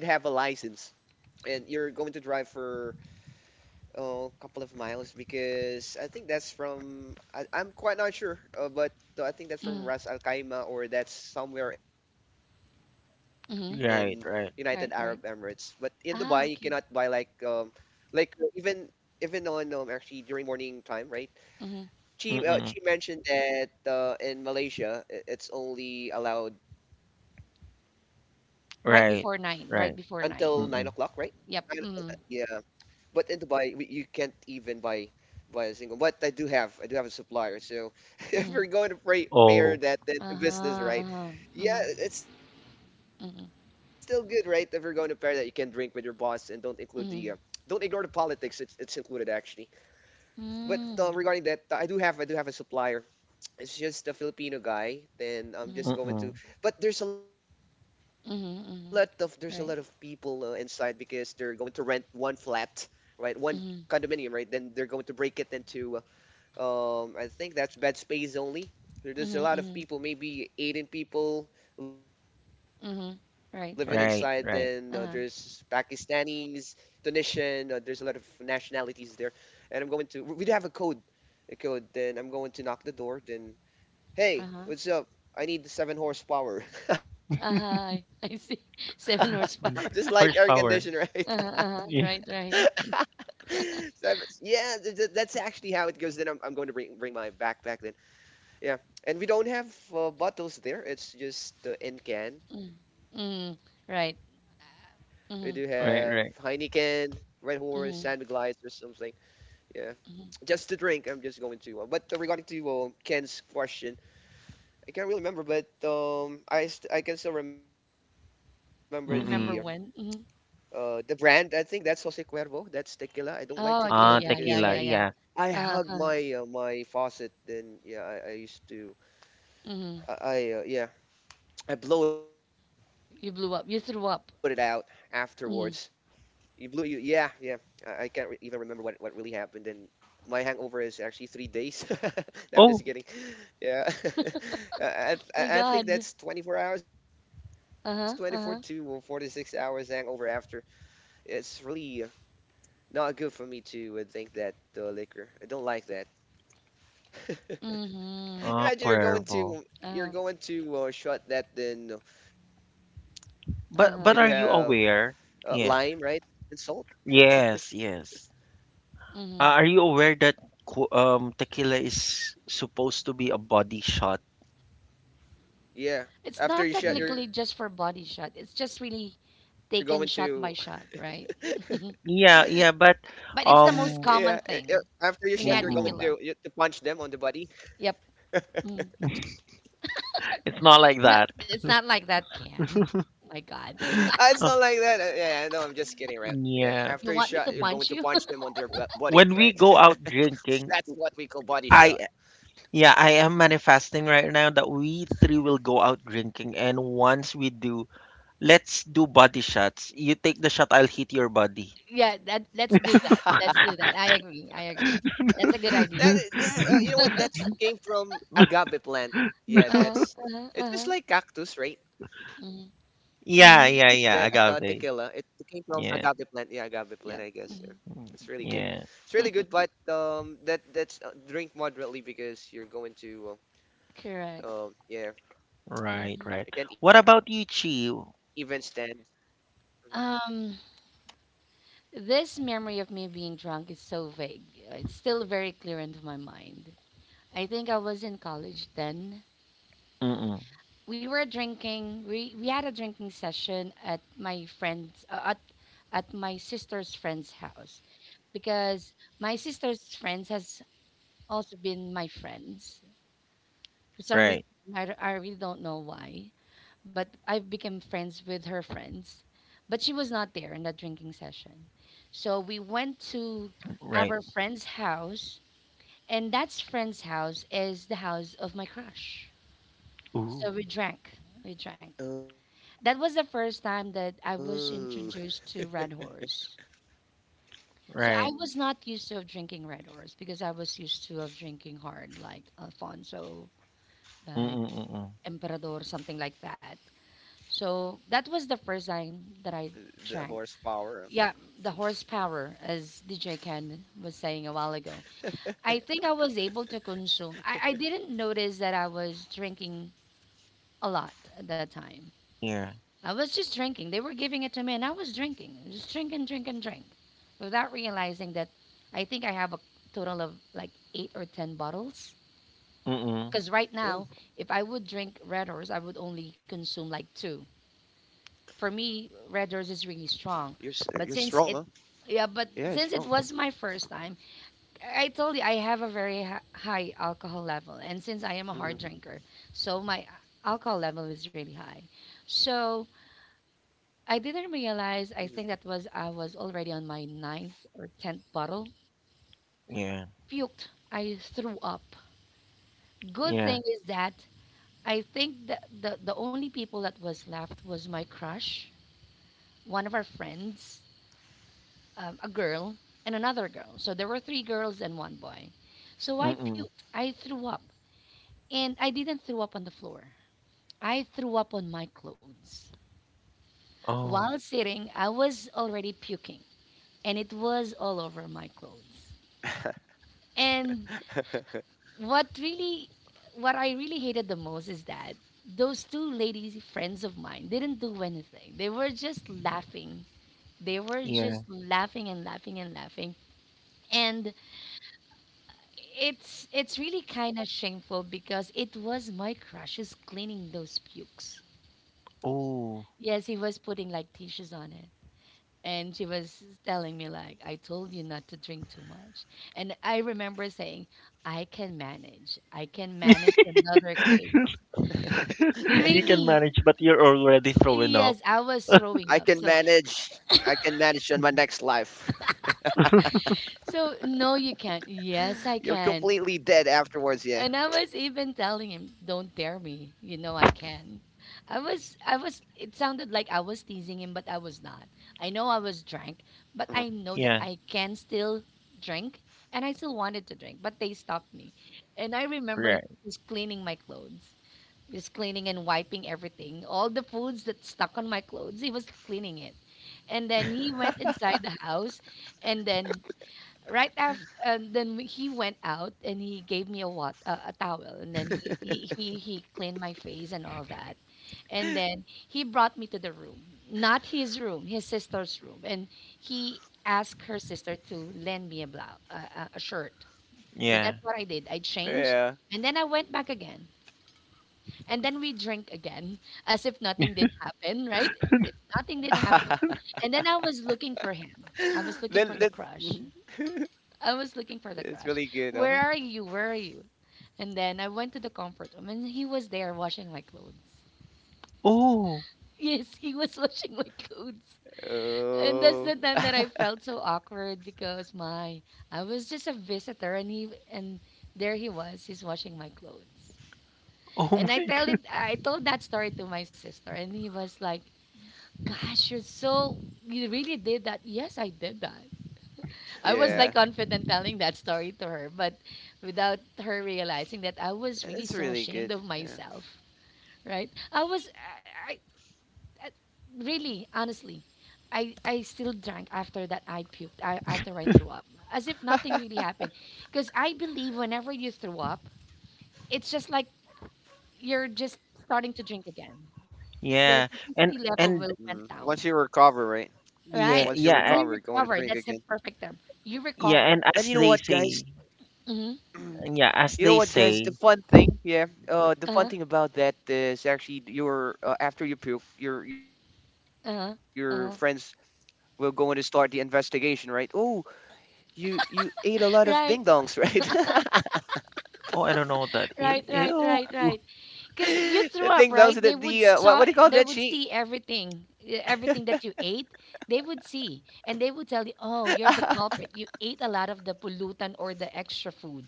[SPEAKER 3] and you're going to drive for a couple of miles because I think I'm quite not sure, but I think that's from
[SPEAKER 2] mhm,
[SPEAKER 3] Ras Al Khaimah or that's somewhere in United Arab Emirates.
[SPEAKER 2] mhm.
[SPEAKER 3] But
[SPEAKER 1] right,
[SPEAKER 3] in
[SPEAKER 1] right.
[SPEAKER 3] Dubai, you
[SPEAKER 2] Right,
[SPEAKER 3] cannot
[SPEAKER 2] right.
[SPEAKER 3] buy
[SPEAKER 2] Ah, okay.
[SPEAKER 3] like uh, even even on actually during morning time, right?
[SPEAKER 2] Mhm.
[SPEAKER 3] She
[SPEAKER 1] Mm.
[SPEAKER 3] mentioned that in Malaysia it's only allowed until nine
[SPEAKER 2] Right
[SPEAKER 3] o'clock,
[SPEAKER 1] Right.
[SPEAKER 2] before
[SPEAKER 3] right?
[SPEAKER 2] nine, right
[SPEAKER 1] Right.
[SPEAKER 2] before nine.
[SPEAKER 1] Mm.
[SPEAKER 3] Yeah,
[SPEAKER 2] Yep.
[SPEAKER 3] but in
[SPEAKER 2] Mhm,
[SPEAKER 3] Dubai, you can't even buy a single. But I do have a supplier. So if we're
[SPEAKER 2] mhm.
[SPEAKER 3] going to
[SPEAKER 1] Oh.
[SPEAKER 3] pair that then
[SPEAKER 2] Uh-huh,
[SPEAKER 3] to business, right?
[SPEAKER 2] uh-huh. Mhm,
[SPEAKER 3] Yeah, it's still good, right? If you're
[SPEAKER 2] mhm,
[SPEAKER 3] going to pair that, you can drink with your boss and don't ignore the
[SPEAKER 2] mhm.
[SPEAKER 3] politics. It's included actually. But regarding
[SPEAKER 2] Mm,
[SPEAKER 3] that, I do have a supplier. It's just a Filipino guy, then I'm
[SPEAKER 2] mhm,
[SPEAKER 3] just
[SPEAKER 1] Mm.
[SPEAKER 3] going to. But there's a lot of there's a
[SPEAKER 2] mhm,
[SPEAKER 3] lot of
[SPEAKER 2] mhm.
[SPEAKER 3] people inside
[SPEAKER 2] Right.
[SPEAKER 3] because they're going to rent one flat, right? One
[SPEAKER 2] Mhm,
[SPEAKER 3] condominium, right? Then they're going to break it into. I think that's bed space only.
[SPEAKER 2] mhm,
[SPEAKER 3] There's
[SPEAKER 2] mhm,
[SPEAKER 3] a lot of people, maybe 18 people living
[SPEAKER 2] mhm.
[SPEAKER 3] inside. Then
[SPEAKER 2] Right,
[SPEAKER 1] Right.
[SPEAKER 2] right.
[SPEAKER 1] Right.
[SPEAKER 3] there's
[SPEAKER 2] Uh-huh,
[SPEAKER 3] Pakistanis, Tunisian. There's a lot of nationalities there, and I'm going to. We do have a code, then I'm going to knock the door. Then
[SPEAKER 2] uh-huh.
[SPEAKER 3] hey, what's up? I need the 7 horsepower.
[SPEAKER 2] Uh-huh, I see.
[SPEAKER 3] Just like air
[SPEAKER 2] Seven
[SPEAKER 3] conditioner,
[SPEAKER 1] Mm.
[SPEAKER 2] horsepower.
[SPEAKER 3] right?
[SPEAKER 1] Horsepower.
[SPEAKER 2] Uh-huh, uh
[SPEAKER 1] Yeah.
[SPEAKER 2] Right, right.
[SPEAKER 3] Seven, yeah, that's actually how it goes. Then I'm going to bring my backpack then. Yeah, and we don't have bottles there. It's just in
[SPEAKER 2] Mm.
[SPEAKER 3] can. We
[SPEAKER 2] Mm.
[SPEAKER 3] do
[SPEAKER 2] Right.
[SPEAKER 3] have Heineken,
[SPEAKER 2] Mm.
[SPEAKER 1] Right.
[SPEAKER 3] Red
[SPEAKER 1] Right.
[SPEAKER 3] Horse, San Miguelite or
[SPEAKER 2] Mm.
[SPEAKER 3] something. Yeah, just to
[SPEAKER 2] Mm.
[SPEAKER 3] drink. I'm just going to. But regarding to Ken's question, I can't really remember, but I can still remember the.
[SPEAKER 2] Remember
[SPEAKER 1] Mm.
[SPEAKER 2] when? Mm.
[SPEAKER 3] The brand, I think that's Jose Cuervo. That's tequila. I don't
[SPEAKER 2] Oh,
[SPEAKER 3] like
[SPEAKER 2] okay.
[SPEAKER 1] Ah,
[SPEAKER 2] Yeah,
[SPEAKER 3] tequila
[SPEAKER 2] yeah,
[SPEAKER 1] tequila.
[SPEAKER 2] yeah,
[SPEAKER 3] because
[SPEAKER 2] yeah.
[SPEAKER 1] Yeah.
[SPEAKER 3] I
[SPEAKER 2] Uh-huh.
[SPEAKER 3] I
[SPEAKER 2] Uh-huh.
[SPEAKER 3] hug my faucet. Then yeah, I used to
[SPEAKER 2] Mm.
[SPEAKER 3] I yeah I blow it
[SPEAKER 2] You blew
[SPEAKER 3] out
[SPEAKER 2] up. You threw up.
[SPEAKER 3] afterwards. You
[SPEAKER 2] Mm.
[SPEAKER 3] blew you, yeah, yeah. I can't even remember what really happened. Then my hangover is actually 3 days.
[SPEAKER 1] Oh.
[SPEAKER 3] No, I'm just kidding. Yeah,
[SPEAKER 2] My
[SPEAKER 3] I,
[SPEAKER 2] God.
[SPEAKER 3] I I think that's 24 hours,
[SPEAKER 2] Uh-huh.
[SPEAKER 3] 24
[SPEAKER 2] Uh-huh.
[SPEAKER 3] to 46 hours hangover after it's really not good for me to think that the liquor. I don't like that.
[SPEAKER 2] Mm-hmm.
[SPEAKER 1] Ah, Cuervo.
[SPEAKER 3] Imagine you're
[SPEAKER 2] Uh-huh.
[SPEAKER 3] going to shot that then you do
[SPEAKER 1] But
[SPEAKER 2] Uh-huh.
[SPEAKER 1] but are you
[SPEAKER 3] have
[SPEAKER 1] aware? Yeah.
[SPEAKER 3] lime, right? And salt.
[SPEAKER 1] Yes. Yes.
[SPEAKER 2] Mm-hmm.
[SPEAKER 1] Are you aware that tequila is supposed to be a body shot?
[SPEAKER 2] It's not
[SPEAKER 1] Yeah.
[SPEAKER 2] technically just for
[SPEAKER 3] Yeah.
[SPEAKER 2] body shot.
[SPEAKER 3] After you
[SPEAKER 2] It's
[SPEAKER 3] shot,
[SPEAKER 2] just
[SPEAKER 3] you're going
[SPEAKER 2] really
[SPEAKER 3] to
[SPEAKER 2] taken shot by shot, right?
[SPEAKER 1] Yeah. Yeah, but
[SPEAKER 2] But it's the most
[SPEAKER 1] um.
[SPEAKER 3] yeah.
[SPEAKER 2] common thing
[SPEAKER 3] After you
[SPEAKER 2] when you
[SPEAKER 3] shot,
[SPEAKER 2] had
[SPEAKER 3] you're going
[SPEAKER 1] Mm.
[SPEAKER 2] tequila.
[SPEAKER 3] to to punch them on the body.
[SPEAKER 2] Yep. Mm-hmm.
[SPEAKER 1] It's not like
[SPEAKER 2] Not,
[SPEAKER 1] that.
[SPEAKER 2] it's not like that, Can. My God.
[SPEAKER 3] Ah,
[SPEAKER 1] Uh,
[SPEAKER 3] it's not like that. Yeah, I know. I'm just kidding, right?
[SPEAKER 1] yeah.
[SPEAKER 2] You want
[SPEAKER 3] Yeah.
[SPEAKER 2] me to
[SPEAKER 1] Yeah.
[SPEAKER 2] punch
[SPEAKER 3] After you
[SPEAKER 2] you?
[SPEAKER 3] shot, you're going to punch
[SPEAKER 1] When
[SPEAKER 3] them
[SPEAKER 1] we
[SPEAKER 3] on their
[SPEAKER 1] go out
[SPEAKER 3] body,
[SPEAKER 1] drinking,
[SPEAKER 3] right?
[SPEAKER 1] I
[SPEAKER 3] That's what we call
[SPEAKER 1] yeah, I
[SPEAKER 3] body
[SPEAKER 1] am
[SPEAKER 3] shot.
[SPEAKER 1] manifesting right now that we three will go out drinking, and once we do, let's do body shots. You take the shot, I'll hit your body.
[SPEAKER 2] Yeah, that, let's do that. Let's do that. I agree. I agree. That's a good idea.
[SPEAKER 3] That is, yeah, you know what? That came from
[SPEAKER 2] Uh-huh. Uh-huh.
[SPEAKER 3] agave
[SPEAKER 2] Uh-huh.
[SPEAKER 3] plant. Yeah, that's it's just
[SPEAKER 2] Mm-hmm.
[SPEAKER 3] like cactus,
[SPEAKER 1] Yeah,
[SPEAKER 3] right?
[SPEAKER 1] yeah,
[SPEAKER 2] Mm-hmm.
[SPEAKER 1] yeah, agave.
[SPEAKER 3] That tequila. It
[SPEAKER 1] Yeah.
[SPEAKER 3] came from agave
[SPEAKER 2] Yep.
[SPEAKER 3] plant. Yeah,
[SPEAKER 2] Hmm.
[SPEAKER 3] agave
[SPEAKER 1] mm,
[SPEAKER 3] plant. I guess.
[SPEAKER 1] Yeah.
[SPEAKER 3] Yeah, it's really good. It's really good, but that's drink moderately because
[SPEAKER 2] Correct.
[SPEAKER 3] you're going
[SPEAKER 1] Right,
[SPEAKER 2] Hmm.
[SPEAKER 1] right.
[SPEAKER 3] uh, um,
[SPEAKER 1] What about
[SPEAKER 3] yeah,
[SPEAKER 1] you, Chi?
[SPEAKER 3] I can't even stand.
[SPEAKER 2] Um, this memory of me being drunk is so vague. It's still very clear into my mind. I think I was in college then,
[SPEAKER 1] Mm-mm.
[SPEAKER 2] we were drinking. We had a drinking session at my friend's at my sister's friend's house because my sister's friends has also been my friends for some reason.
[SPEAKER 1] Right.
[SPEAKER 2] I really don't know why, but I've become friends with her friends. But she was not there in that drinking session, so we went
[SPEAKER 1] Right.
[SPEAKER 2] to our friend's house, and that friend's house is the house of my crush.
[SPEAKER 1] Ooh.
[SPEAKER 2] So we drank, that was the first time that I was
[SPEAKER 3] Mhm. Oh,
[SPEAKER 2] introduced to Red Horse. So I
[SPEAKER 1] Right.
[SPEAKER 2] was not used to of drinking Red Horse because I was used to of drinking hard like Alfonso, like
[SPEAKER 1] Mm-mm. Mm-mm.
[SPEAKER 2] Emperador, something like that. So that was the first time that I
[SPEAKER 3] the
[SPEAKER 2] drank.
[SPEAKER 3] horsepower, huh?
[SPEAKER 2] Yeah, the horsepower, as DJ Ken was saying a while ago. I think I was able to consume. I didn't notice that I was drinking a lot at that time.
[SPEAKER 1] Yeah.
[SPEAKER 2] I was just drinking. They were giving it to me, and I was drinking, just drink and drink and drink, without realizing that I think I have a total of like eight or ten bottles.
[SPEAKER 1] Mm-mm.
[SPEAKER 2] Because right now, if I would drink Red Horse, I would
[SPEAKER 3] Oh,
[SPEAKER 2] only consume like two. For me, Red Horse is really strong, but
[SPEAKER 3] you're strong,
[SPEAKER 2] yeah,
[SPEAKER 3] huh?
[SPEAKER 2] but since it was my
[SPEAKER 3] Yeah, it's
[SPEAKER 2] first
[SPEAKER 3] strong.
[SPEAKER 2] time, I told you I have a very high alcohol level, and since I am a hard drinker, so my alcohol level
[SPEAKER 3] Hmm.
[SPEAKER 2] is really high. So I didn't realize. I think that was I was already on my ninth or tenth bottle.
[SPEAKER 1] Yeah.
[SPEAKER 2] Puked. I threw up. Good thing
[SPEAKER 1] Yeah.
[SPEAKER 2] is that I think that the only people that was left was my crush, one of our friends, a girl, and another girl. So there were three girls and one boy. So I
[SPEAKER 1] Mm-mm.
[SPEAKER 2] puked. I threw up, and I didn't throw up on the floor. I threw up on my clothes. While
[SPEAKER 1] Oh.
[SPEAKER 2] sitting, I was already puking, and it was all over my clothes. And what really what I really hated the most is that those two ladies, friends of mine, didn't do anything. They were just laughing. They were just
[SPEAKER 1] Yeah.
[SPEAKER 2] laughing and laughing and laughing. And it's really kind of shameful because it was my crushes cleaning those pukes.
[SPEAKER 1] Oh,
[SPEAKER 2] Yes, he was putting like tissues on it. And she was telling me, like, "I told you not to drink too much." And I remember saying, "I can manage, I can manage another case."
[SPEAKER 1] you can
[SPEAKER 2] Really?
[SPEAKER 1] manage, but you're
[SPEAKER 3] Hmm.
[SPEAKER 1] already throwing up.
[SPEAKER 2] Yes, I was throwing
[SPEAKER 3] I
[SPEAKER 2] up. So,
[SPEAKER 3] can manage. I can manage on my next life.
[SPEAKER 2] so no, you can't. Yes, I can.
[SPEAKER 3] You're completely
[SPEAKER 2] And I
[SPEAKER 3] dead
[SPEAKER 2] was even
[SPEAKER 3] afterwards. Yeah.
[SPEAKER 2] telling him, "Don't dare me. You know I can." I was, I was. It sounded like I was teasing him, but I was not. I know I was drunk, but I know that
[SPEAKER 1] Yeah.
[SPEAKER 2] I can
[SPEAKER 3] Hmm.
[SPEAKER 2] still drink, and I still wanted to drink, but they stopped me. And I remember he
[SPEAKER 1] Right.
[SPEAKER 2] was cleaning my clothes, he was cleaning and wiping everything, all the foods that stuck on my clothes. He was cleaning it, and then he went inside the house, and then right after and then we- he went out, and he gave me a what a towel, and then he cleaned my face and all that, and then he brought me to the room, not his room, his sister's room. And he asked her sister to lend me a blouse a shirt. So
[SPEAKER 1] Yeah.
[SPEAKER 2] that's what I did, I changed, and then I went back again,
[SPEAKER 3] Yeah.
[SPEAKER 2] and then we drink again as if nothing did happen, right? As if nothing did happen. And then I was looking for him. I was looking for the
[SPEAKER 3] Let let.
[SPEAKER 2] crush.
[SPEAKER 3] Mhm.
[SPEAKER 2] I was looking for the crush. Where are you?
[SPEAKER 3] It's
[SPEAKER 2] Where are
[SPEAKER 3] really
[SPEAKER 2] you?
[SPEAKER 3] good, huh?
[SPEAKER 2] And then I went to the comfort room, and he was there washing my clothes.
[SPEAKER 1] Oh,
[SPEAKER 2] Yes, he was washing my clothes. And that's the
[SPEAKER 3] Oh.
[SPEAKER 2] time that I felt so awkward because my I was just a visitor, and there he was, he's washing my clothes.
[SPEAKER 1] oh,
[SPEAKER 2] And I
[SPEAKER 1] my
[SPEAKER 2] tell it I told that story to my sister, and he was like, "Gosh, you really did that." Yes, I did that. I was
[SPEAKER 1] God.
[SPEAKER 2] like confident telling that
[SPEAKER 3] Yeah.
[SPEAKER 2] story to her, but without her realizing that I was really so ashamed of
[SPEAKER 3] It's
[SPEAKER 2] myself,
[SPEAKER 3] really good. Yeah.
[SPEAKER 2] right? I, I really honestly, I still drank after that, I puked, after I threw up, as if nothing really happened. Because I believe whenever you throw up, it's just like you're just starting to drink again. Your
[SPEAKER 1] Yeah,
[SPEAKER 2] toxicity
[SPEAKER 1] and
[SPEAKER 2] level
[SPEAKER 1] and
[SPEAKER 2] will went
[SPEAKER 3] Mm.
[SPEAKER 2] down.
[SPEAKER 3] Once you recover, right?
[SPEAKER 2] Right.
[SPEAKER 1] yeah,
[SPEAKER 3] Once you
[SPEAKER 1] yeah,
[SPEAKER 2] You
[SPEAKER 3] recover, going
[SPEAKER 2] recovered.
[SPEAKER 3] to
[SPEAKER 2] That's the
[SPEAKER 3] drink again.
[SPEAKER 2] perfect term. You
[SPEAKER 1] yeah,
[SPEAKER 2] recovered.
[SPEAKER 1] and as they
[SPEAKER 3] And you know
[SPEAKER 1] say.
[SPEAKER 3] what, guys?
[SPEAKER 2] Mm-hmm.
[SPEAKER 1] Yeah, as they say.
[SPEAKER 3] You know what, guys? The fun thing,
[SPEAKER 2] Uh-huh.
[SPEAKER 3] yeah. The fun thing about that is actually your after you puke,
[SPEAKER 2] Uh-huh.
[SPEAKER 3] your
[SPEAKER 2] Uh-huh.
[SPEAKER 3] friends will go in to start the investigation, right? Oh, you ate a lot of
[SPEAKER 2] Right,
[SPEAKER 3] ding dongs, right?
[SPEAKER 1] Oh, I don't know what that.
[SPEAKER 2] right, right,
[SPEAKER 1] Ew.
[SPEAKER 2] right, right. Because you threw up,
[SPEAKER 3] The
[SPEAKER 2] right?
[SPEAKER 3] ding dongs, the
[SPEAKER 2] They
[SPEAKER 3] what do
[SPEAKER 2] would
[SPEAKER 3] you call
[SPEAKER 2] see
[SPEAKER 3] that sheet?
[SPEAKER 2] everything, everything that you ate. They would see, and they would tell you, "Oh, you're the culprit. You ate a lot of the pollutant or the extra food,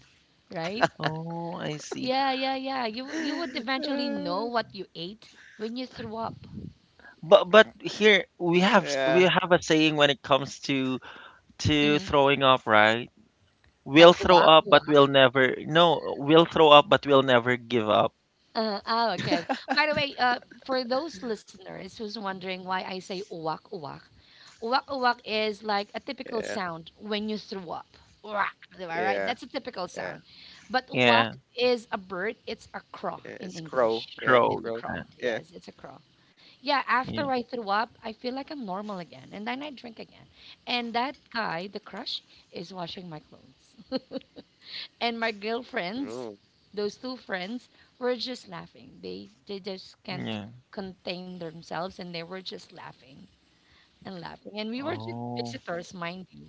[SPEAKER 2] right?"
[SPEAKER 1] Oh, I see.
[SPEAKER 2] Yeah, yeah, yeah. You would eventually know what you ate
[SPEAKER 3] Uh,
[SPEAKER 2] when you threw up.
[SPEAKER 1] But here we have
[SPEAKER 3] yeah,
[SPEAKER 1] s- we have a saying when it comes to
[SPEAKER 2] Mm-hmm.
[SPEAKER 1] throwing up, right? We'll
[SPEAKER 2] Like
[SPEAKER 1] throw
[SPEAKER 2] uwak,
[SPEAKER 1] up, but we'll
[SPEAKER 2] uwak.
[SPEAKER 1] never. No, we'll throw up, but we'll never give up.
[SPEAKER 2] Oh, okay. By the way, for those listeners who's wondering why I say uwak uwak, uwak uwak is like a typical sound
[SPEAKER 3] yeah,
[SPEAKER 2] when you throw up. Uwak, di ba, right? That's a typical sound.
[SPEAKER 3] yeah,
[SPEAKER 2] But
[SPEAKER 1] Yeah,
[SPEAKER 2] uwak
[SPEAKER 3] yeah,
[SPEAKER 2] is a bird. It's a crow in English.
[SPEAKER 1] throw.
[SPEAKER 2] It's a crow.
[SPEAKER 1] Yeah,
[SPEAKER 3] yeah. It's
[SPEAKER 2] Yes, it's
[SPEAKER 3] crow,
[SPEAKER 2] a crow.
[SPEAKER 3] yeah, crow,
[SPEAKER 2] Yeah,
[SPEAKER 3] yeah.
[SPEAKER 2] after
[SPEAKER 1] yeah.
[SPEAKER 2] I threw up, I feel like I'm normal again. And then I drink again. And that guy, the crush, is washing my clothes, and my girlfriends, those two
[SPEAKER 3] Mm.
[SPEAKER 2] friends, were just laughing. They just can't
[SPEAKER 1] Yeah.
[SPEAKER 2] contain themselves, and they were just laughing and laughing. And we were just
[SPEAKER 1] Oh,
[SPEAKER 2] visitors, mind you,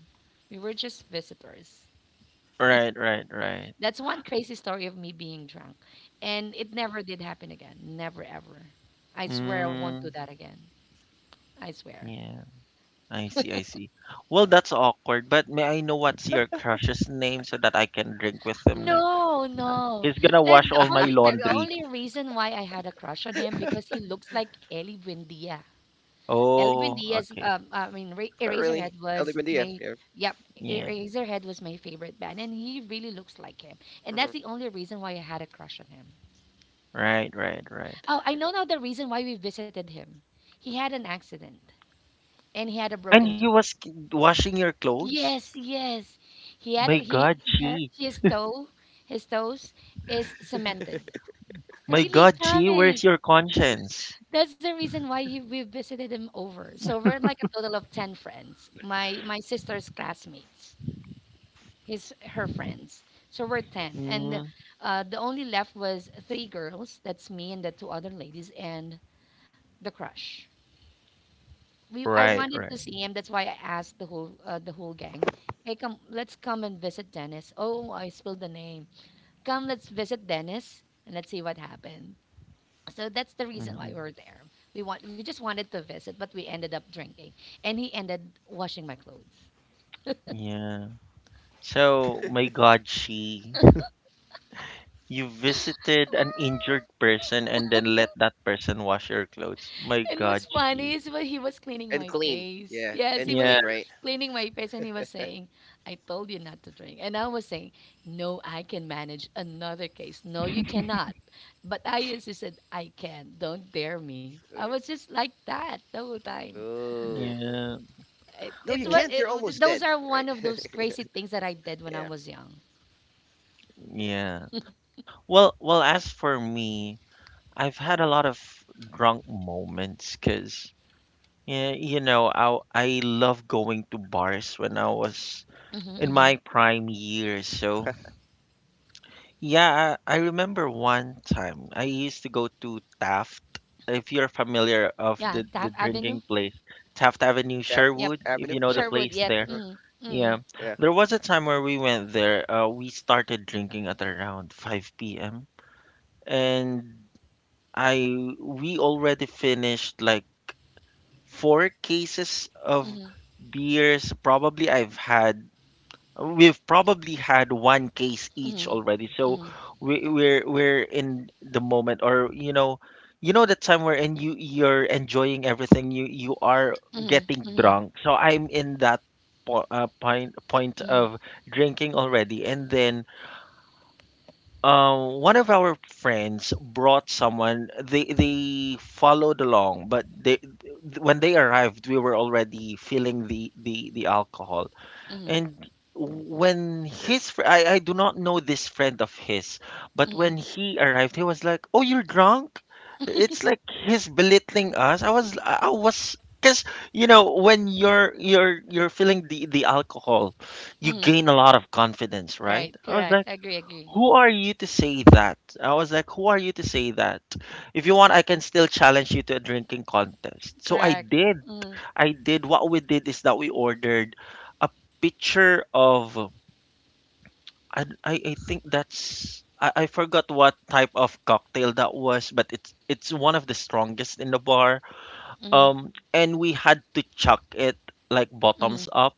[SPEAKER 2] we were just visitors.
[SPEAKER 1] right, right, right.
[SPEAKER 2] That's one crazy story of me being drunk, and it never did happen again. Never ever. I swear I won't do
[SPEAKER 1] Mm,
[SPEAKER 2] that again. I swear.
[SPEAKER 1] yeah. I see, I see. Well, that's awkward, but may I know what's your crush's name so that I can drink with him?
[SPEAKER 2] No, no.
[SPEAKER 1] He's gonna
[SPEAKER 2] The,
[SPEAKER 1] wash
[SPEAKER 2] the
[SPEAKER 1] all my
[SPEAKER 2] only the, the
[SPEAKER 1] laundry.
[SPEAKER 2] only reason why I had a crush on him because he looks like Ellie Buendia. Elvin
[SPEAKER 1] Oh,
[SPEAKER 2] Diaz,
[SPEAKER 1] okay.
[SPEAKER 2] I
[SPEAKER 3] Not
[SPEAKER 2] mean,
[SPEAKER 3] really. El Dia, yeah.
[SPEAKER 2] Yep,
[SPEAKER 1] Yeah.
[SPEAKER 2] Eraserhead was my favorite band, and he really looks like him. And that's the only
[SPEAKER 3] Hmm.
[SPEAKER 2] reason why I had a crush on him.
[SPEAKER 1] Right, right, right.
[SPEAKER 2] Oh, I know now the reason why we visited him. He had an accident, and he had a
[SPEAKER 1] And
[SPEAKER 2] broken
[SPEAKER 1] he
[SPEAKER 2] toe.
[SPEAKER 1] was washing your clothes?
[SPEAKER 2] Yes, yes, he had a,
[SPEAKER 1] My God,
[SPEAKER 2] he hurt
[SPEAKER 1] Chi.
[SPEAKER 2] his toe, his toes is cemented.
[SPEAKER 1] My
[SPEAKER 2] Really,
[SPEAKER 1] God, Chi,
[SPEAKER 2] promise.
[SPEAKER 1] where's your conscience?
[SPEAKER 2] That's the reason why we visited him over. So we're like a total of 10 friends, my sister's classmates, his her friends. So we're 10. And
[SPEAKER 1] Mm,
[SPEAKER 2] the only left was three girls. That's me and the two other ladies and the crush. We I
[SPEAKER 1] right,
[SPEAKER 2] wanted to
[SPEAKER 1] right.
[SPEAKER 2] see him. That's why I asked the whole gang. Hey, come, let's come and visit Dennis. Oh, I spilled the name. Come, let's visit Dennis, and let's see what happened. So that's the reason why
[SPEAKER 1] Mm-mm.
[SPEAKER 2] we're there. We just wanted to visit, but we ended up drinking, and he ended washing my clothes.
[SPEAKER 1] Yeah. So, my God, Chi, you visited an injured person and then let that person wash your clothes. My
[SPEAKER 2] And what's
[SPEAKER 1] God,
[SPEAKER 2] funny
[SPEAKER 1] Chi.
[SPEAKER 2] is when he
[SPEAKER 3] And
[SPEAKER 2] was cleaning
[SPEAKER 3] clean,
[SPEAKER 2] my
[SPEAKER 3] yeah,
[SPEAKER 2] face.
[SPEAKER 3] and
[SPEAKER 2] Yes,
[SPEAKER 3] clean,
[SPEAKER 2] he
[SPEAKER 3] right?
[SPEAKER 1] Yeah.
[SPEAKER 2] was cleaning my face, and he was saying, "I told you not to drink." And I was saying, "No, I can manage another case." "No, you cannot." But I insisted, "I can. Don't dare me." I was just like that the whole time.
[SPEAKER 3] Oh.
[SPEAKER 1] Yeah.
[SPEAKER 3] No,
[SPEAKER 2] It,
[SPEAKER 3] you
[SPEAKER 2] it's
[SPEAKER 3] can't.
[SPEAKER 2] what
[SPEAKER 3] You're
[SPEAKER 1] w-
[SPEAKER 3] almost
[SPEAKER 2] it,
[SPEAKER 3] dead,
[SPEAKER 2] those are one
[SPEAKER 3] right?
[SPEAKER 2] of those crazy things that I did when I was
[SPEAKER 3] Yeah.
[SPEAKER 2] young.
[SPEAKER 1] Yeah. Well, well, as for me, I've had a lot of drunk moments because yeah, I love going to bars when I was
[SPEAKER 2] Mm-hmm,
[SPEAKER 1] in
[SPEAKER 2] mm-hmm.
[SPEAKER 1] my prime years. So, yeah, I remember one time I used to go to Taft. If you're familiar of
[SPEAKER 2] Yeah,
[SPEAKER 1] the
[SPEAKER 2] Taft
[SPEAKER 1] the
[SPEAKER 2] Avenue.
[SPEAKER 1] drinking place, Taft
[SPEAKER 3] Def
[SPEAKER 1] Avenue,
[SPEAKER 2] Yep.
[SPEAKER 1] Sherwood,
[SPEAKER 3] Avenue,
[SPEAKER 1] if you
[SPEAKER 3] right?
[SPEAKER 1] know the
[SPEAKER 2] Sherwood.
[SPEAKER 1] place
[SPEAKER 2] Yep.
[SPEAKER 1] there.
[SPEAKER 3] Uh-huh.
[SPEAKER 2] Mm-hmm,
[SPEAKER 1] Yeah. There was a time
[SPEAKER 3] Yeah.
[SPEAKER 1] where we went there. We started drinking at around 5 p.m. And I we already finished like four cases of
[SPEAKER 2] mm-hmm,
[SPEAKER 1] beers. Probably I've had We've probably had one case
[SPEAKER 2] mm-hmm, mm-hmm,
[SPEAKER 1] each already, so
[SPEAKER 2] mm-hmm,
[SPEAKER 1] we're in the moment, or you know the time we're in. You're enjoying everything. You are
[SPEAKER 2] mm-hmm,
[SPEAKER 1] getting
[SPEAKER 2] mm-hmm.
[SPEAKER 1] drunk. So I'm in that po point of drinking already, and then, one of our friends brought someone. They followed along, but they when they arrived, we were already feeling the alcohol.
[SPEAKER 2] Mm-hmm.
[SPEAKER 1] And when his fr- I do not know this friend of his, but
[SPEAKER 2] Mm-hmm.
[SPEAKER 1] when he arrived, he was like, "Oh, you're drunk." It's like he's belittling us. I was because you know when you're feeling the alcohol, you
[SPEAKER 2] Mm-hmm.
[SPEAKER 1] gain a lot of confidence,
[SPEAKER 2] Right.
[SPEAKER 1] right? I was
[SPEAKER 2] Correct.
[SPEAKER 1] like,
[SPEAKER 2] Agree. Agree.
[SPEAKER 1] "Who are you to say that?" I was like, "Who are you to say that?" If you want, I can still challenge you to a drinking contest. So I
[SPEAKER 2] Correct.
[SPEAKER 1] did.
[SPEAKER 2] Mm-hmm.
[SPEAKER 1] What we did is that we ordered a picture of. I think that's I forgot what type of cocktail that was, but it's one of the strongest in the bar.
[SPEAKER 2] Mm-hmm.
[SPEAKER 1] And we had to chuck it like
[SPEAKER 2] Mm-hmm.
[SPEAKER 1] bottoms up,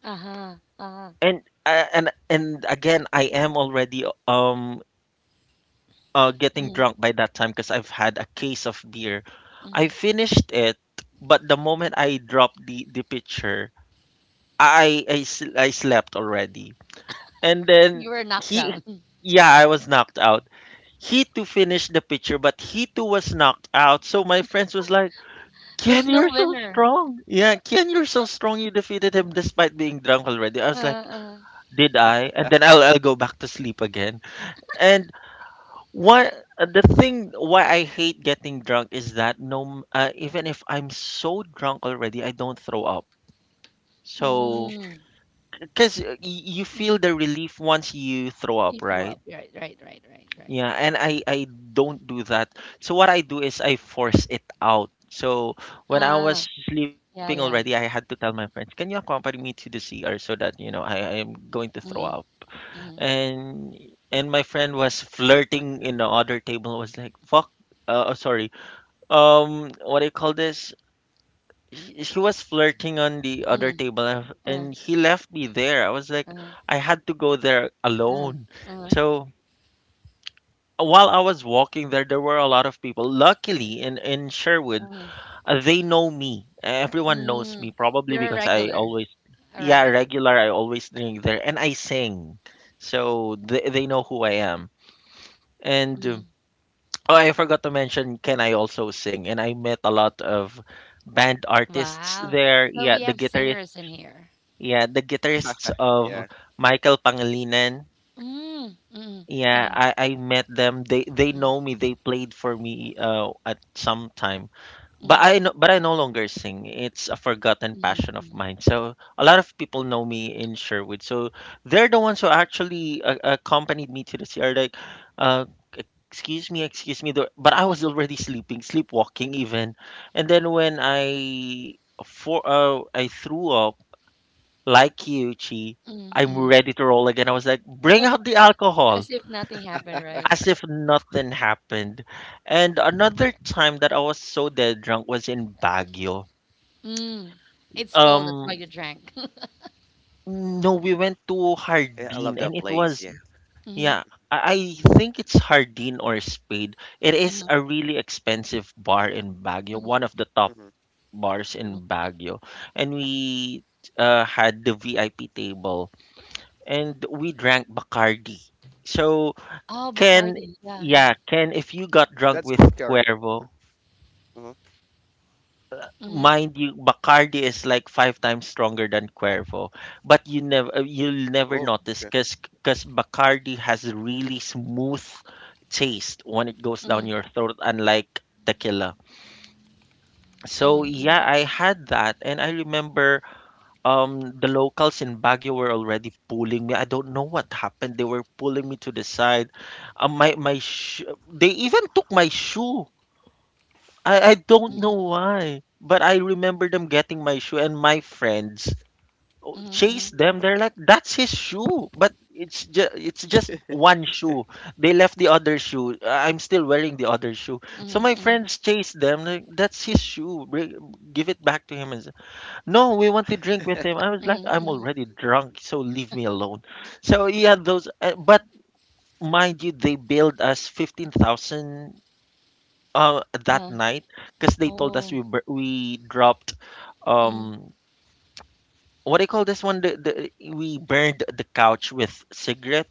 [SPEAKER 2] Uh-huh. Uh-huh.
[SPEAKER 1] and and again, I am already getting
[SPEAKER 2] Mm-hmm.
[SPEAKER 1] drunk by that time because I've had a case of beer. I
[SPEAKER 2] Mm-hmm.
[SPEAKER 1] finished it, but the moment I dropped the pitcher, I slept already. And
[SPEAKER 2] You
[SPEAKER 1] then
[SPEAKER 2] were knocked
[SPEAKER 1] he,
[SPEAKER 2] down.
[SPEAKER 1] yeah, I was knocked out. He too finished the picture, but he too was knocked out. So my friends was like,
[SPEAKER 2] There's
[SPEAKER 1] "Ken,
[SPEAKER 2] no
[SPEAKER 1] you're so
[SPEAKER 2] winner.
[SPEAKER 1] strong. Yeah, Ken, you're so strong. You defeated him despite being drunk already." I was like,
[SPEAKER 2] Uh-uh.
[SPEAKER 1] "Did I?" And then I'll go back to sleep again. And what the thing why I hate getting drunk is that no, even if I'm so drunk already, I don't throw up. So,
[SPEAKER 2] Mm-hmm.
[SPEAKER 1] because you feel the relief once you throw
[SPEAKER 2] You
[SPEAKER 1] up,
[SPEAKER 2] threw
[SPEAKER 1] right?
[SPEAKER 2] up. Right. Right. Right. Right. Right.
[SPEAKER 1] Yeah, and I don't do that. So what I do is I force it out. So when I
[SPEAKER 2] Ah.
[SPEAKER 1] was sleeping
[SPEAKER 2] Yeah.
[SPEAKER 1] already, I
[SPEAKER 2] Yeah.
[SPEAKER 1] had to tell my friends, "Can you accompany me to the CR so that you know I am going to throw
[SPEAKER 2] Mm-hmm.
[SPEAKER 1] up?"
[SPEAKER 2] Mm-hmm.
[SPEAKER 1] And my friend was flirting in the other table. Was like, "Fuck, sorry, what do you call this?" She was flirting on the other
[SPEAKER 2] Mm-hmm.
[SPEAKER 1] table, and
[SPEAKER 2] Uh.
[SPEAKER 1] he left me there. I was like,
[SPEAKER 2] Uh.
[SPEAKER 1] I had to go there
[SPEAKER 2] Uh.
[SPEAKER 1] alone.
[SPEAKER 2] Uh.
[SPEAKER 1] So while I was walking there, there were a lot of people. Luckily, in Sherwood,
[SPEAKER 2] Mm-hmm.
[SPEAKER 1] they know me. Everyone knows
[SPEAKER 2] Mm-hmm.
[SPEAKER 1] me, probably
[SPEAKER 2] You're a
[SPEAKER 1] because I
[SPEAKER 2] regular.
[SPEAKER 1] always,
[SPEAKER 2] A
[SPEAKER 1] yeah,
[SPEAKER 2] regular.
[SPEAKER 1] regular. I always drink there, and I sing, so they know who I am. And
[SPEAKER 2] Mm-hmm.
[SPEAKER 1] oh, I forgot to mention, can I also sing? And I met a lot of band artists
[SPEAKER 2] Wow.
[SPEAKER 1] there.
[SPEAKER 2] So
[SPEAKER 1] Yeah,
[SPEAKER 2] we
[SPEAKER 1] the
[SPEAKER 2] have
[SPEAKER 1] guitarist.
[SPEAKER 2] singers in here.
[SPEAKER 1] Yeah, the
[SPEAKER 3] Yeah.
[SPEAKER 1] guitarists of Michael Pangilinan.
[SPEAKER 2] Mm-hmm. Mm-hmm.
[SPEAKER 1] Yeah,
[SPEAKER 2] Mm-hmm.
[SPEAKER 1] I, I met them. They know me. They played for me at some time.
[SPEAKER 2] Mm-hmm.
[SPEAKER 1] But I no longer sing. It's a forgotten
[SPEAKER 2] Mm,
[SPEAKER 1] passion of
[SPEAKER 2] mm,
[SPEAKER 1] mine. So a lot of people know me in Sherwood. So they're the ones who actually accompanied me to the CR. Like, uh, excuse me, excuse me. But I was already sleeping, sleepwalking even. And then when I for I threw up like Yuchi,
[SPEAKER 2] mm,
[SPEAKER 1] I'm
[SPEAKER 2] mm.
[SPEAKER 1] ready to roll again. I was like, bring out the alcohol
[SPEAKER 2] As if nothing happened, right?
[SPEAKER 1] as if nothing happened. And another time that I was so dead drunk was in Baguio.
[SPEAKER 2] Mm. It's cold, that's why
[SPEAKER 1] Um,
[SPEAKER 2] you drank.
[SPEAKER 1] no, we went
[SPEAKER 3] Yeah, I
[SPEAKER 1] to
[SPEAKER 3] love that place.
[SPEAKER 1] Hardin,
[SPEAKER 3] Yeah.
[SPEAKER 1] and it was
[SPEAKER 2] Hmm.
[SPEAKER 1] yeah. I think it's Hardin or Spade. It is a
[SPEAKER 2] Hmm.
[SPEAKER 1] really expensive bar in Baguio, one of the top
[SPEAKER 3] Hmm.
[SPEAKER 1] bars
[SPEAKER 2] Hmm.
[SPEAKER 1] in Baguio, and we had the VIP table, and we drank Bacardi. So
[SPEAKER 2] Oh,
[SPEAKER 1] Ken,
[SPEAKER 2] Bacardi. Yeah, yeah.
[SPEAKER 1] yeah, Ken, if you got
[SPEAKER 3] That's
[SPEAKER 1] drunk with
[SPEAKER 3] vodka, right?
[SPEAKER 1] Cuervo,
[SPEAKER 3] Hmm. Uh-huh.
[SPEAKER 2] Hmm.
[SPEAKER 1] mind you, Bacardi is like 5 times stronger than Cuervo, but you never you'll never
[SPEAKER 3] Oh,
[SPEAKER 1] notice
[SPEAKER 3] okay.
[SPEAKER 1] because Bacardi has really smooth taste when it goes down
[SPEAKER 2] Hmm.
[SPEAKER 1] your throat, unlike tequila. So
[SPEAKER 2] Hmm.
[SPEAKER 1] yeah,
[SPEAKER 2] Hmm.
[SPEAKER 1] I had that, and I remember the locals in Baguio were already pulling me. I don't know what happened. They were pulling me to the side. Um, my my sh- they even took my shoe. I don't know
[SPEAKER 2] Hmm.
[SPEAKER 1] why, but I remember them getting my shoe, and my friends
[SPEAKER 2] Hmm.
[SPEAKER 1] chased them. They're like, "That's his shoe," but it's just one shoe. They left the other shoe. I'm still wearing the other shoe. So my
[SPEAKER 2] Hmm.
[SPEAKER 1] friends chased them. Like, "That's his shoe. Give it back to him." No, we want to drink with him. I was like,
[SPEAKER 2] Hmm.
[SPEAKER 1] "I'm
[SPEAKER 2] Hmm.
[SPEAKER 1] already drunk, so leave me alone." So yeah, those. But mind you, they billed us 15,000 that
[SPEAKER 2] Uh,
[SPEAKER 1] night because they told us
[SPEAKER 2] oh,
[SPEAKER 1] we dropped
[SPEAKER 2] mm.
[SPEAKER 1] um what do you call this one the we burned the couch with cigarette,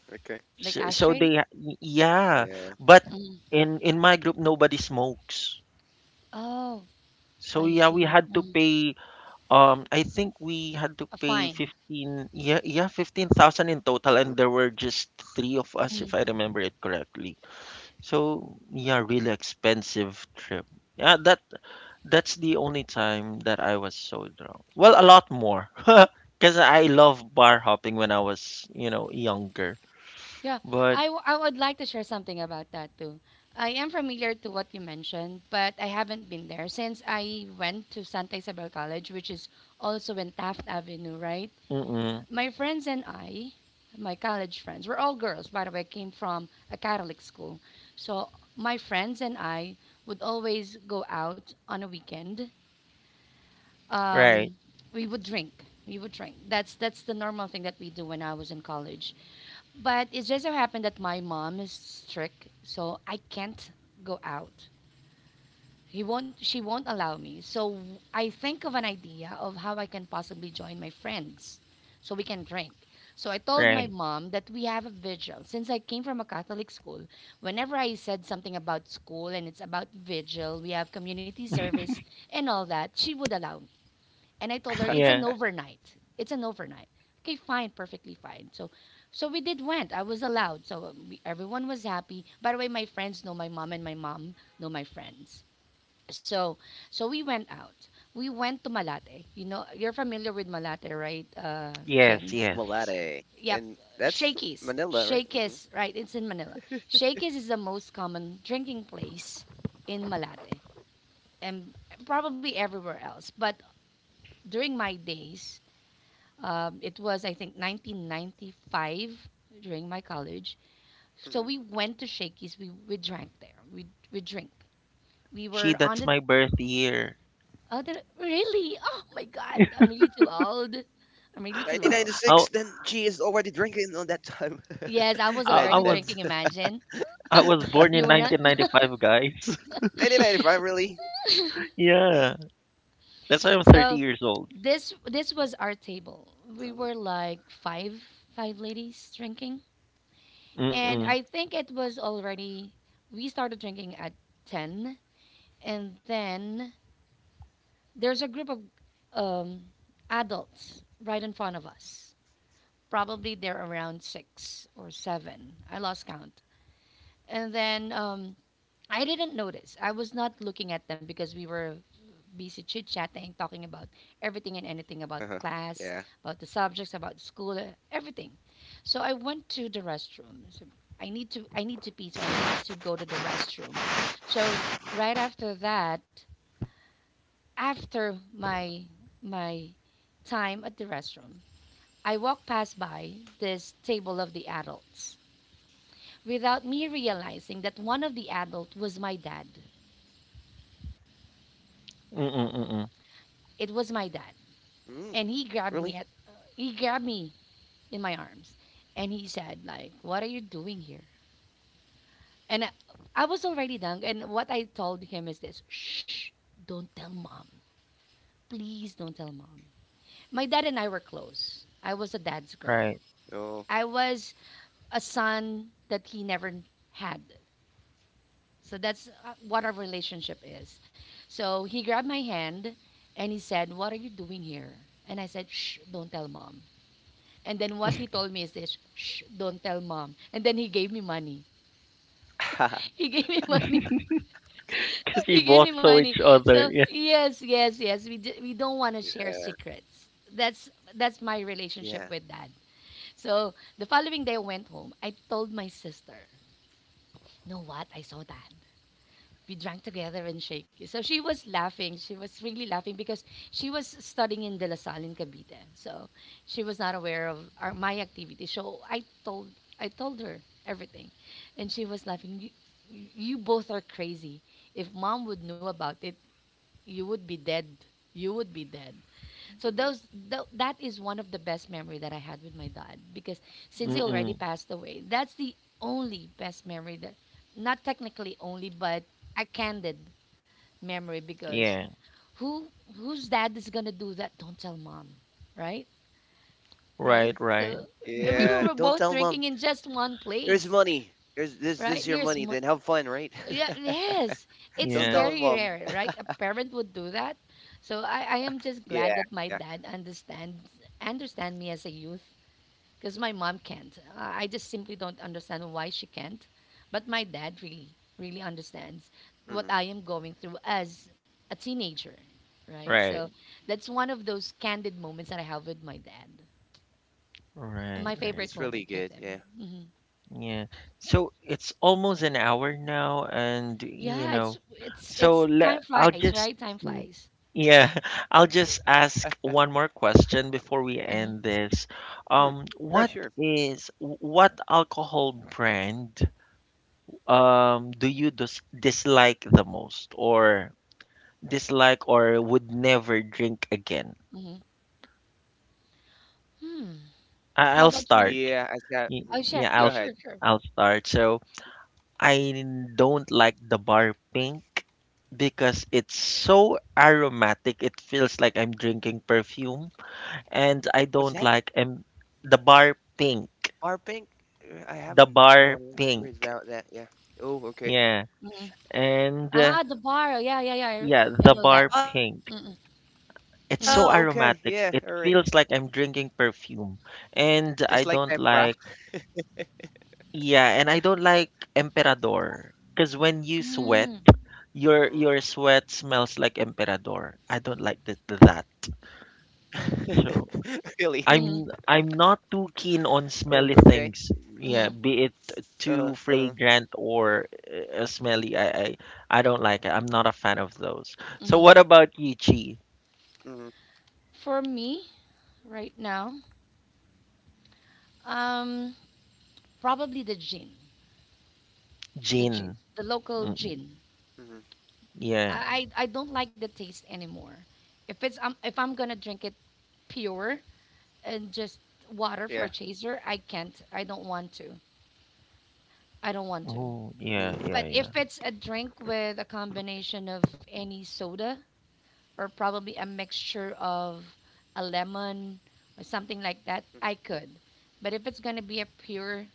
[SPEAKER 3] Okay.
[SPEAKER 2] Like
[SPEAKER 1] so, so
[SPEAKER 2] ashtray?
[SPEAKER 1] they yeah but
[SPEAKER 3] Yeah.
[SPEAKER 2] Mm.
[SPEAKER 1] in my group nobody smokes,
[SPEAKER 2] Oh,
[SPEAKER 1] so
[SPEAKER 2] I
[SPEAKER 1] yeah we
[SPEAKER 2] see.
[SPEAKER 1] had to
[SPEAKER 2] Mm.
[SPEAKER 1] pay, I think we had to
[SPEAKER 2] A
[SPEAKER 1] pay
[SPEAKER 2] fine.
[SPEAKER 1] 15, yeah yeah, 15,000 in
[SPEAKER 3] Hmm.
[SPEAKER 1] total, and there were just three of us if I remember it correctly. So yeah, really expensive trip. yeah that That's the only time that I was so drunk. Well, a lot more. Because I love bar hopping when I was, you know, younger.
[SPEAKER 2] Yeah,
[SPEAKER 1] But,
[SPEAKER 2] I would like to share something about that too. I am familiar to what you mentioned, but I haven't been there since I went to Santa Isabel College, which is also in Taft Avenue, right?
[SPEAKER 1] mm-mm.
[SPEAKER 2] My friends and I, my college friends, we're all girls, by the way, came from a Catholic school. So my friends and I would always go out on a weekend.
[SPEAKER 1] Right,
[SPEAKER 2] Um, we would drink. We would drink. That's the normal thing that we do when I was in college. But it just so happened that my mom is strict, so I can't go out. He won't. She won't allow me. So I think of an idea of how I can possibly join my friends, so we can drink. So I told my
[SPEAKER 1] right.
[SPEAKER 2] mom that we have a vigil. Since I came from a Catholic school, whenever I said something about school and it's about vigil, we have community service and all that, she would allow me. And I told her it's an
[SPEAKER 1] Yeah,
[SPEAKER 2] overnight. It's an overnight. Okay, fine, perfectly fine. So, we did went. I was allowed. So everyone was happy. By the way, my friends know my mom, and my mom know my friends. So, so, we went out. We went to Malate. You know, you're familiar with Malate, right,
[SPEAKER 1] yes,
[SPEAKER 2] Ken?
[SPEAKER 1] yes.
[SPEAKER 3] Malate. And
[SPEAKER 2] Yep. Shakey's.
[SPEAKER 3] Manila, right? Mm-hmm.
[SPEAKER 2] Shakey's, right? It's in Manila. Shakey's is the most common drinking place in Malate and probably everywhere else. But during my days, it was, I think, 1995 during my college. So
[SPEAKER 3] Mm-hmm.
[SPEAKER 2] we went to Shakey's. We drank there. We drink. We
[SPEAKER 1] She,
[SPEAKER 2] were on
[SPEAKER 1] that's
[SPEAKER 2] the
[SPEAKER 1] my birth year.
[SPEAKER 2] oh the, really oh my god, I'm really too old.
[SPEAKER 3] 99 to 6.
[SPEAKER 2] I'm
[SPEAKER 3] Then
[SPEAKER 2] really too
[SPEAKER 3] she is
[SPEAKER 2] old.
[SPEAKER 1] I,
[SPEAKER 3] already drinking on that time. Imagine
[SPEAKER 2] Yes, I was
[SPEAKER 3] that.
[SPEAKER 1] I, I
[SPEAKER 2] already
[SPEAKER 1] was
[SPEAKER 2] drinking. Imagine
[SPEAKER 1] I was born
[SPEAKER 2] you
[SPEAKER 1] in
[SPEAKER 2] were not.
[SPEAKER 1] 1995, guys.
[SPEAKER 3] 1995, really?
[SPEAKER 1] Yeah, that's why I'm
[SPEAKER 2] So
[SPEAKER 1] 30 years old.
[SPEAKER 2] this was
[SPEAKER 3] Uh
[SPEAKER 2] our
[SPEAKER 3] huh.
[SPEAKER 2] table. We were like five ladies drinking, and
[SPEAKER 1] Mm-mm,
[SPEAKER 2] I think it was already we started drinking at 10, and then there's a group of um, adults right in front of us. Probably they're around six or seven. I lost count. And then I didn't notice. I was not looking at them because we were busy chit chatting, talking about
[SPEAKER 3] Uh-huh.
[SPEAKER 2] everything and
[SPEAKER 3] Yeah.
[SPEAKER 2] anything about class, about the subjects, about school, everything. So I went to the restroom. So I need to pee, so I need to go to the restroom. So right after that, after my time at the restroom, I walked past by this table of the adults without me realizing that one of the adult was my dad.
[SPEAKER 1] mm-mm, mm-mm.
[SPEAKER 3] Mm.
[SPEAKER 2] It was my dad,
[SPEAKER 3] Really?
[SPEAKER 2] and he grabbed me in my arms, and he said like, "What are you doing here?" And I was already done. And what I told him is this: "Shh, don't tell mom. Please don't tell mom." My dad and I were close. I was a dad's girl.
[SPEAKER 3] Oh.
[SPEAKER 1] Right.
[SPEAKER 2] I was a son that he never had. So that's what our relationship is. So he grabbed my hand and he said, "What are you doing here?" And I said, "Shh, don't tell mom." And then what he told me is this, "Shh, don't tell mom." And then he gave me money. He gave me money.
[SPEAKER 1] Because we
[SPEAKER 2] He gave
[SPEAKER 1] both
[SPEAKER 2] me
[SPEAKER 1] saw
[SPEAKER 2] money.
[SPEAKER 1] each
[SPEAKER 2] So
[SPEAKER 1] other. Yeah.
[SPEAKER 2] yes,
[SPEAKER 3] Yeah.
[SPEAKER 2] yes, yes. We don't want to share secrets. That's that's my
[SPEAKER 3] Yeah.
[SPEAKER 2] relationship with dad. So the following day I went home. I told my sister, "You know what? I saw dad. We drank together in Shaky." So she was laughing. She was really laughing because she was studying in De La Salle in Cavite. So she was not aware of my activity. So I told her everything, and she was laughing. You both are crazy. If mom would know about it, you would be dead.
[SPEAKER 3] Hmm.
[SPEAKER 2] You would be dead." So that is one of the best memory that I had with my dad because since he already
[SPEAKER 1] Mm-mm.
[SPEAKER 2] passed away, that's the only best memory that, not technically only but a candid memory, because
[SPEAKER 1] Yeah.
[SPEAKER 2] who whose dad is going to do that? Don't tell mom, right? Right?
[SPEAKER 1] Right, right.
[SPEAKER 2] So we
[SPEAKER 3] Yeah.
[SPEAKER 2] were
[SPEAKER 3] Don't tell
[SPEAKER 2] both
[SPEAKER 3] mom.
[SPEAKER 2] drinking in just one
[SPEAKER 3] Here's
[SPEAKER 2] place,
[SPEAKER 3] money. Here's this. This is
[SPEAKER 2] right?
[SPEAKER 3] your money. Then have fun, right?
[SPEAKER 2] Yeah, yes. It's
[SPEAKER 3] Don't
[SPEAKER 1] Yeah,
[SPEAKER 3] tell him,
[SPEAKER 2] very
[SPEAKER 3] mom.
[SPEAKER 2] rare, right? A parent would do
[SPEAKER 3] Yeah.
[SPEAKER 2] that.
[SPEAKER 3] Yeah.
[SPEAKER 2] So I am just glad that my dad understand me as a youth because my mom can't. I just simply don't understand why she can't. But my dad really, really understands what
[SPEAKER 3] Hmm.
[SPEAKER 2] I am going through as a teenager, right? So
[SPEAKER 1] right.
[SPEAKER 2] that's one of those candid moments that I have with my dad. And
[SPEAKER 1] Right,
[SPEAKER 2] my
[SPEAKER 3] It's
[SPEAKER 1] right.
[SPEAKER 2] favorite
[SPEAKER 3] really
[SPEAKER 2] moment
[SPEAKER 3] good.
[SPEAKER 2] with
[SPEAKER 3] Yeah.
[SPEAKER 2] him. Hmm.
[SPEAKER 1] Yeah. So it's almost an hour now, and you
[SPEAKER 2] Yeah, it's
[SPEAKER 1] know,
[SPEAKER 2] it's
[SPEAKER 1] so
[SPEAKER 2] it's
[SPEAKER 1] le-
[SPEAKER 2] time
[SPEAKER 1] I'll
[SPEAKER 2] flies, right?
[SPEAKER 1] just,
[SPEAKER 2] Time
[SPEAKER 1] y-
[SPEAKER 2] flies.
[SPEAKER 1] yeah, I'll just ask one more question before we
[SPEAKER 2] Hmm.
[SPEAKER 3] Hmm.
[SPEAKER 1] end this.
[SPEAKER 3] Yeah. Sure.
[SPEAKER 1] What is what alcohol brand do you dislike the most, or dislike, or would never drink again?
[SPEAKER 2] Hmm. Hmm. How
[SPEAKER 1] I'll
[SPEAKER 3] Yeah. I
[SPEAKER 2] about you?
[SPEAKER 1] start.
[SPEAKER 3] got. Mhm.
[SPEAKER 2] Oh,
[SPEAKER 3] Go
[SPEAKER 2] chef.
[SPEAKER 1] Yeah,
[SPEAKER 3] ahead.
[SPEAKER 2] Yeah, sure, sure.
[SPEAKER 1] I'll start. So. I don't like the bar pink because it's so aromatic. It feels like I'm drinking perfume.
[SPEAKER 3] What's that?
[SPEAKER 1] And I don't like the bar pink.
[SPEAKER 3] Bar pink? I
[SPEAKER 1] The
[SPEAKER 3] haven't
[SPEAKER 1] bar
[SPEAKER 3] uh, read
[SPEAKER 1] pink.
[SPEAKER 3] about that. Yeah. Oh. Okay.
[SPEAKER 1] Yeah.
[SPEAKER 2] Hmm.
[SPEAKER 1] And
[SPEAKER 2] Ah, the bar. Oh, yeah, yeah, yeah.
[SPEAKER 1] yeah,
[SPEAKER 2] I
[SPEAKER 1] the
[SPEAKER 2] know that.
[SPEAKER 1] bar
[SPEAKER 3] Oh.
[SPEAKER 1] pink.
[SPEAKER 2] Mm-hmm.
[SPEAKER 3] Okay. Yeah. All right.
[SPEAKER 1] It's
[SPEAKER 2] Mm-hmm.
[SPEAKER 1] so aromatic. It feels like I'm drinking perfume.
[SPEAKER 3] Just
[SPEAKER 1] And
[SPEAKER 3] like
[SPEAKER 1] I
[SPEAKER 3] tempra.
[SPEAKER 1] don't like, yeah, and I don't like Emperador. Because when you sweat,
[SPEAKER 2] Mm-hmm.
[SPEAKER 1] your
[SPEAKER 3] Mm.
[SPEAKER 1] sweat smells like Emperador. I don't like that.
[SPEAKER 3] Really?
[SPEAKER 1] So
[SPEAKER 2] Mm-hmm.
[SPEAKER 1] I'm
[SPEAKER 3] Oh.
[SPEAKER 1] not
[SPEAKER 3] Okay.
[SPEAKER 1] too keen on smelly things.
[SPEAKER 2] Mm-hmm.
[SPEAKER 1] Yeah, be it
[SPEAKER 3] Uh-huh. Uh-huh.
[SPEAKER 1] too fragrant or smelly. I don't like it. I'm not a fan of those. So what
[SPEAKER 3] Mhm.
[SPEAKER 1] about you, Chi?
[SPEAKER 2] For me, right now, um, probably the gin, the gin,
[SPEAKER 1] Gin.
[SPEAKER 2] the local
[SPEAKER 1] Mm,
[SPEAKER 2] gin.
[SPEAKER 3] Mhm.
[SPEAKER 1] yeah.
[SPEAKER 2] I don't like the taste anymore. If it's if I'm gonna drink it pure and
[SPEAKER 3] Yeah.
[SPEAKER 2] just water for a chaser, I can't. I don't want to. I don't want to.
[SPEAKER 1] Oh, yeah, yeah,
[SPEAKER 3] Ooh.
[SPEAKER 2] But
[SPEAKER 1] yeah.
[SPEAKER 2] if it's a drink with a combination of any soda or probably a mixture of a lemon or
[SPEAKER 3] Mhm.
[SPEAKER 2] something like that, I could. But if it's gonna be a pure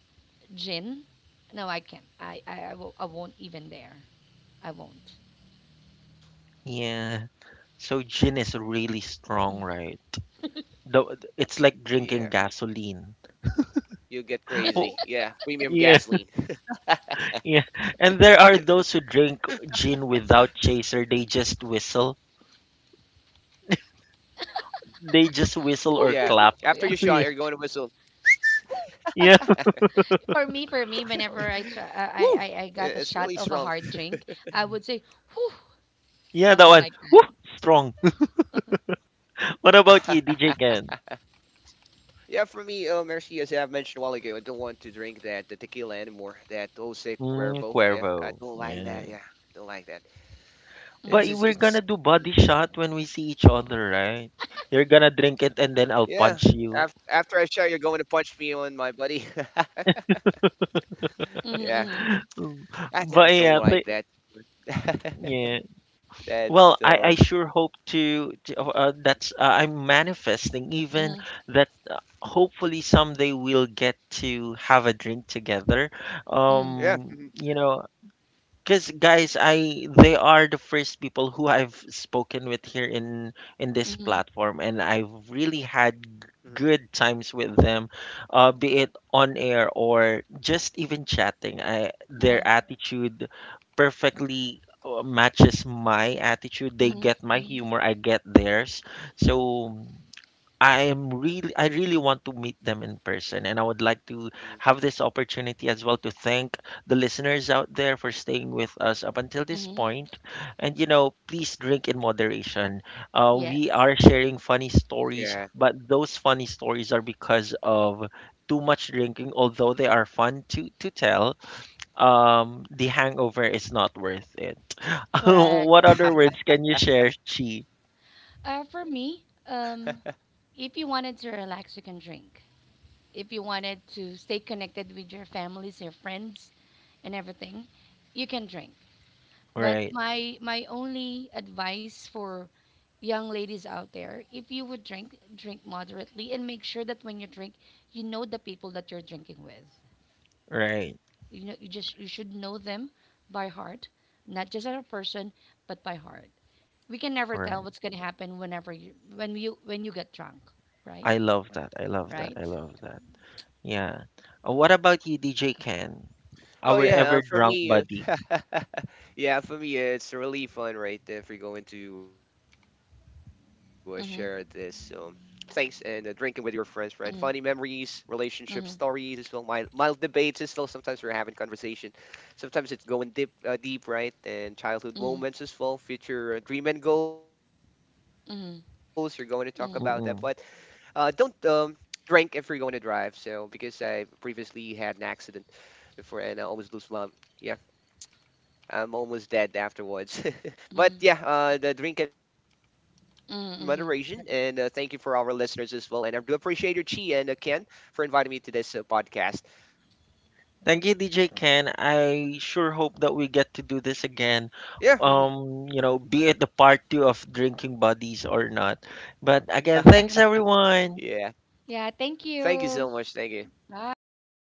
[SPEAKER 2] gin? No, I can't. I won't even dare. I won't.
[SPEAKER 1] Yeah. So gin is really strong,
[SPEAKER 2] Mm.
[SPEAKER 1] right?
[SPEAKER 3] Yeah.
[SPEAKER 1] It's like drinking gasoline.
[SPEAKER 3] You'll get crazy. Yeah.
[SPEAKER 1] Oh,
[SPEAKER 3] Premium
[SPEAKER 1] yeah.
[SPEAKER 3] gasoline.
[SPEAKER 1] Yeah, and there are those who drink gin without chaser. They just whistle.
[SPEAKER 3] Yeah. After you
[SPEAKER 1] They
[SPEAKER 3] shot, you're
[SPEAKER 1] just
[SPEAKER 3] going to
[SPEAKER 1] whistle
[SPEAKER 3] whistle.
[SPEAKER 1] or clap.
[SPEAKER 2] Yeah.
[SPEAKER 1] Yeah, yeah,
[SPEAKER 2] For me, whenever I,
[SPEAKER 3] Woo!
[SPEAKER 2] try,
[SPEAKER 3] It's
[SPEAKER 2] I
[SPEAKER 3] really
[SPEAKER 2] got a
[SPEAKER 3] strong.
[SPEAKER 2] shot of a hard drink, I would say, whew,
[SPEAKER 1] yeah, that
[SPEAKER 2] something like
[SPEAKER 1] one.
[SPEAKER 2] that.
[SPEAKER 1] Woo, strong. What about you, DJ Ken?
[SPEAKER 3] Yeah, for me, Mercy, as I've mentioned a while ago, I don't want to drink that the tequila anymore. That Jose
[SPEAKER 1] Mm,
[SPEAKER 3] Cuervo. Yeah, I
[SPEAKER 1] Cuervo.
[SPEAKER 3] don't like
[SPEAKER 1] Yeah.
[SPEAKER 3] that. Yeah, don't like that.
[SPEAKER 1] But
[SPEAKER 2] Mhm,
[SPEAKER 3] It's
[SPEAKER 1] we're
[SPEAKER 3] just,
[SPEAKER 1] gonna
[SPEAKER 3] it's
[SPEAKER 1] do body shot when we see each other, right?
[SPEAKER 3] Yeah.
[SPEAKER 1] You're gonna
[SPEAKER 3] After
[SPEAKER 1] drink it and then
[SPEAKER 3] after I
[SPEAKER 1] I'll
[SPEAKER 3] shot,
[SPEAKER 1] punch
[SPEAKER 3] you're going to
[SPEAKER 1] you.
[SPEAKER 3] punch me on my buddy. Yeah.
[SPEAKER 2] mhm,
[SPEAKER 3] I
[SPEAKER 1] Mm.
[SPEAKER 3] don't don't
[SPEAKER 1] But
[SPEAKER 3] like
[SPEAKER 1] yeah,
[SPEAKER 3] that.
[SPEAKER 1] yeah.
[SPEAKER 3] that
[SPEAKER 1] Well,
[SPEAKER 3] um,
[SPEAKER 1] I sure hope to that's I'm manifesting even
[SPEAKER 2] mhm,
[SPEAKER 1] that hopefully someday we'll get to have a drink together.
[SPEAKER 2] mhm,
[SPEAKER 3] yeah, mhm,
[SPEAKER 1] You know, because guys, I they are the first people who I've spoken with here in
[SPEAKER 2] mhm,
[SPEAKER 1] this
[SPEAKER 2] mhm,
[SPEAKER 1] platform, and I've really
[SPEAKER 3] mhm,
[SPEAKER 1] had good times with them, be it on air or just even chatting. I
[SPEAKER 2] yeah,
[SPEAKER 1] their attitude perfectly matches my attitude. They
[SPEAKER 2] mhm,
[SPEAKER 1] get my
[SPEAKER 2] mhm,
[SPEAKER 1] humor, I get theirs. So I really want to meet them in person, and I would like to
[SPEAKER 3] mhm,
[SPEAKER 1] have this opportunity as well to thank the listeners out there for staying with us up until this
[SPEAKER 2] mhm.
[SPEAKER 1] point. And you know, please drink in moderation. We
[SPEAKER 2] Yes,
[SPEAKER 1] are
[SPEAKER 3] yeah.
[SPEAKER 1] sharing funny stories, but those funny stories are because of too much drinking, although they are fun to tell. The hangover is not worth it.
[SPEAKER 2] correct.
[SPEAKER 1] What other words can you share, Chi?
[SPEAKER 2] For me, if you wanted to relax, you can drink. If you wanted to stay connected with your families, your friends, and everything, you can drink. But
[SPEAKER 1] Right,
[SPEAKER 2] my only advice for young ladies out there, if you would drink, drink moderately and make sure that when you drink, you know the people that you're drinking with.
[SPEAKER 1] right,
[SPEAKER 2] You know, you should know them by heart, not just as a person, but by heart. We can never tell
[SPEAKER 1] right.
[SPEAKER 2] what's going to happen whenever you when you when you get drunk, right?
[SPEAKER 1] I love that. I love that. I
[SPEAKER 2] Right?
[SPEAKER 1] love that. Yeah. What about you, DJ Ken?
[SPEAKER 3] Oh
[SPEAKER 1] Our ever
[SPEAKER 3] yeah,
[SPEAKER 1] drunk buddy.
[SPEAKER 3] yeah, for me, it's really fun, right? If you're going to share this, thanks
[SPEAKER 2] Mhm.
[SPEAKER 3] and drinking with your friends, right? Funny memories,
[SPEAKER 2] Mhm.
[SPEAKER 3] relationship stories as well.
[SPEAKER 2] Mhm.
[SPEAKER 3] Mild debates as well. Sometimes we're having conversation. Sometimes it's going deep, right? And childhood
[SPEAKER 2] Mhm.
[SPEAKER 3] moments as well. Future dream and goals. You're going to talk about that, but
[SPEAKER 2] Mhm.
[SPEAKER 3] Don't
[SPEAKER 2] Mhm.
[SPEAKER 1] Mm-mm.
[SPEAKER 3] drink if you're going to drive. So because I previously had an accident before and I almost lose my yeah, I'm almost dead afterwards. But
[SPEAKER 2] Mhm.
[SPEAKER 3] yeah, the drink in moderation. And thank you for
[SPEAKER 2] Mhm.
[SPEAKER 3] our listeners as well. And I do appreciate your Chi and Ken for inviting me to this podcast.
[SPEAKER 1] Thank you, DJ Ken. I sure hope that we get to do this again.
[SPEAKER 3] Yeah,
[SPEAKER 1] You know, be it the part 2 of Drinking Buddies or not. But again,
[SPEAKER 3] yeah.
[SPEAKER 1] thanks everyone.
[SPEAKER 2] Yeah,
[SPEAKER 3] Thank you
[SPEAKER 2] thank
[SPEAKER 3] so much. Thank
[SPEAKER 2] you.
[SPEAKER 3] you. Mhm. Have
[SPEAKER 2] Bye.
[SPEAKER 3] a good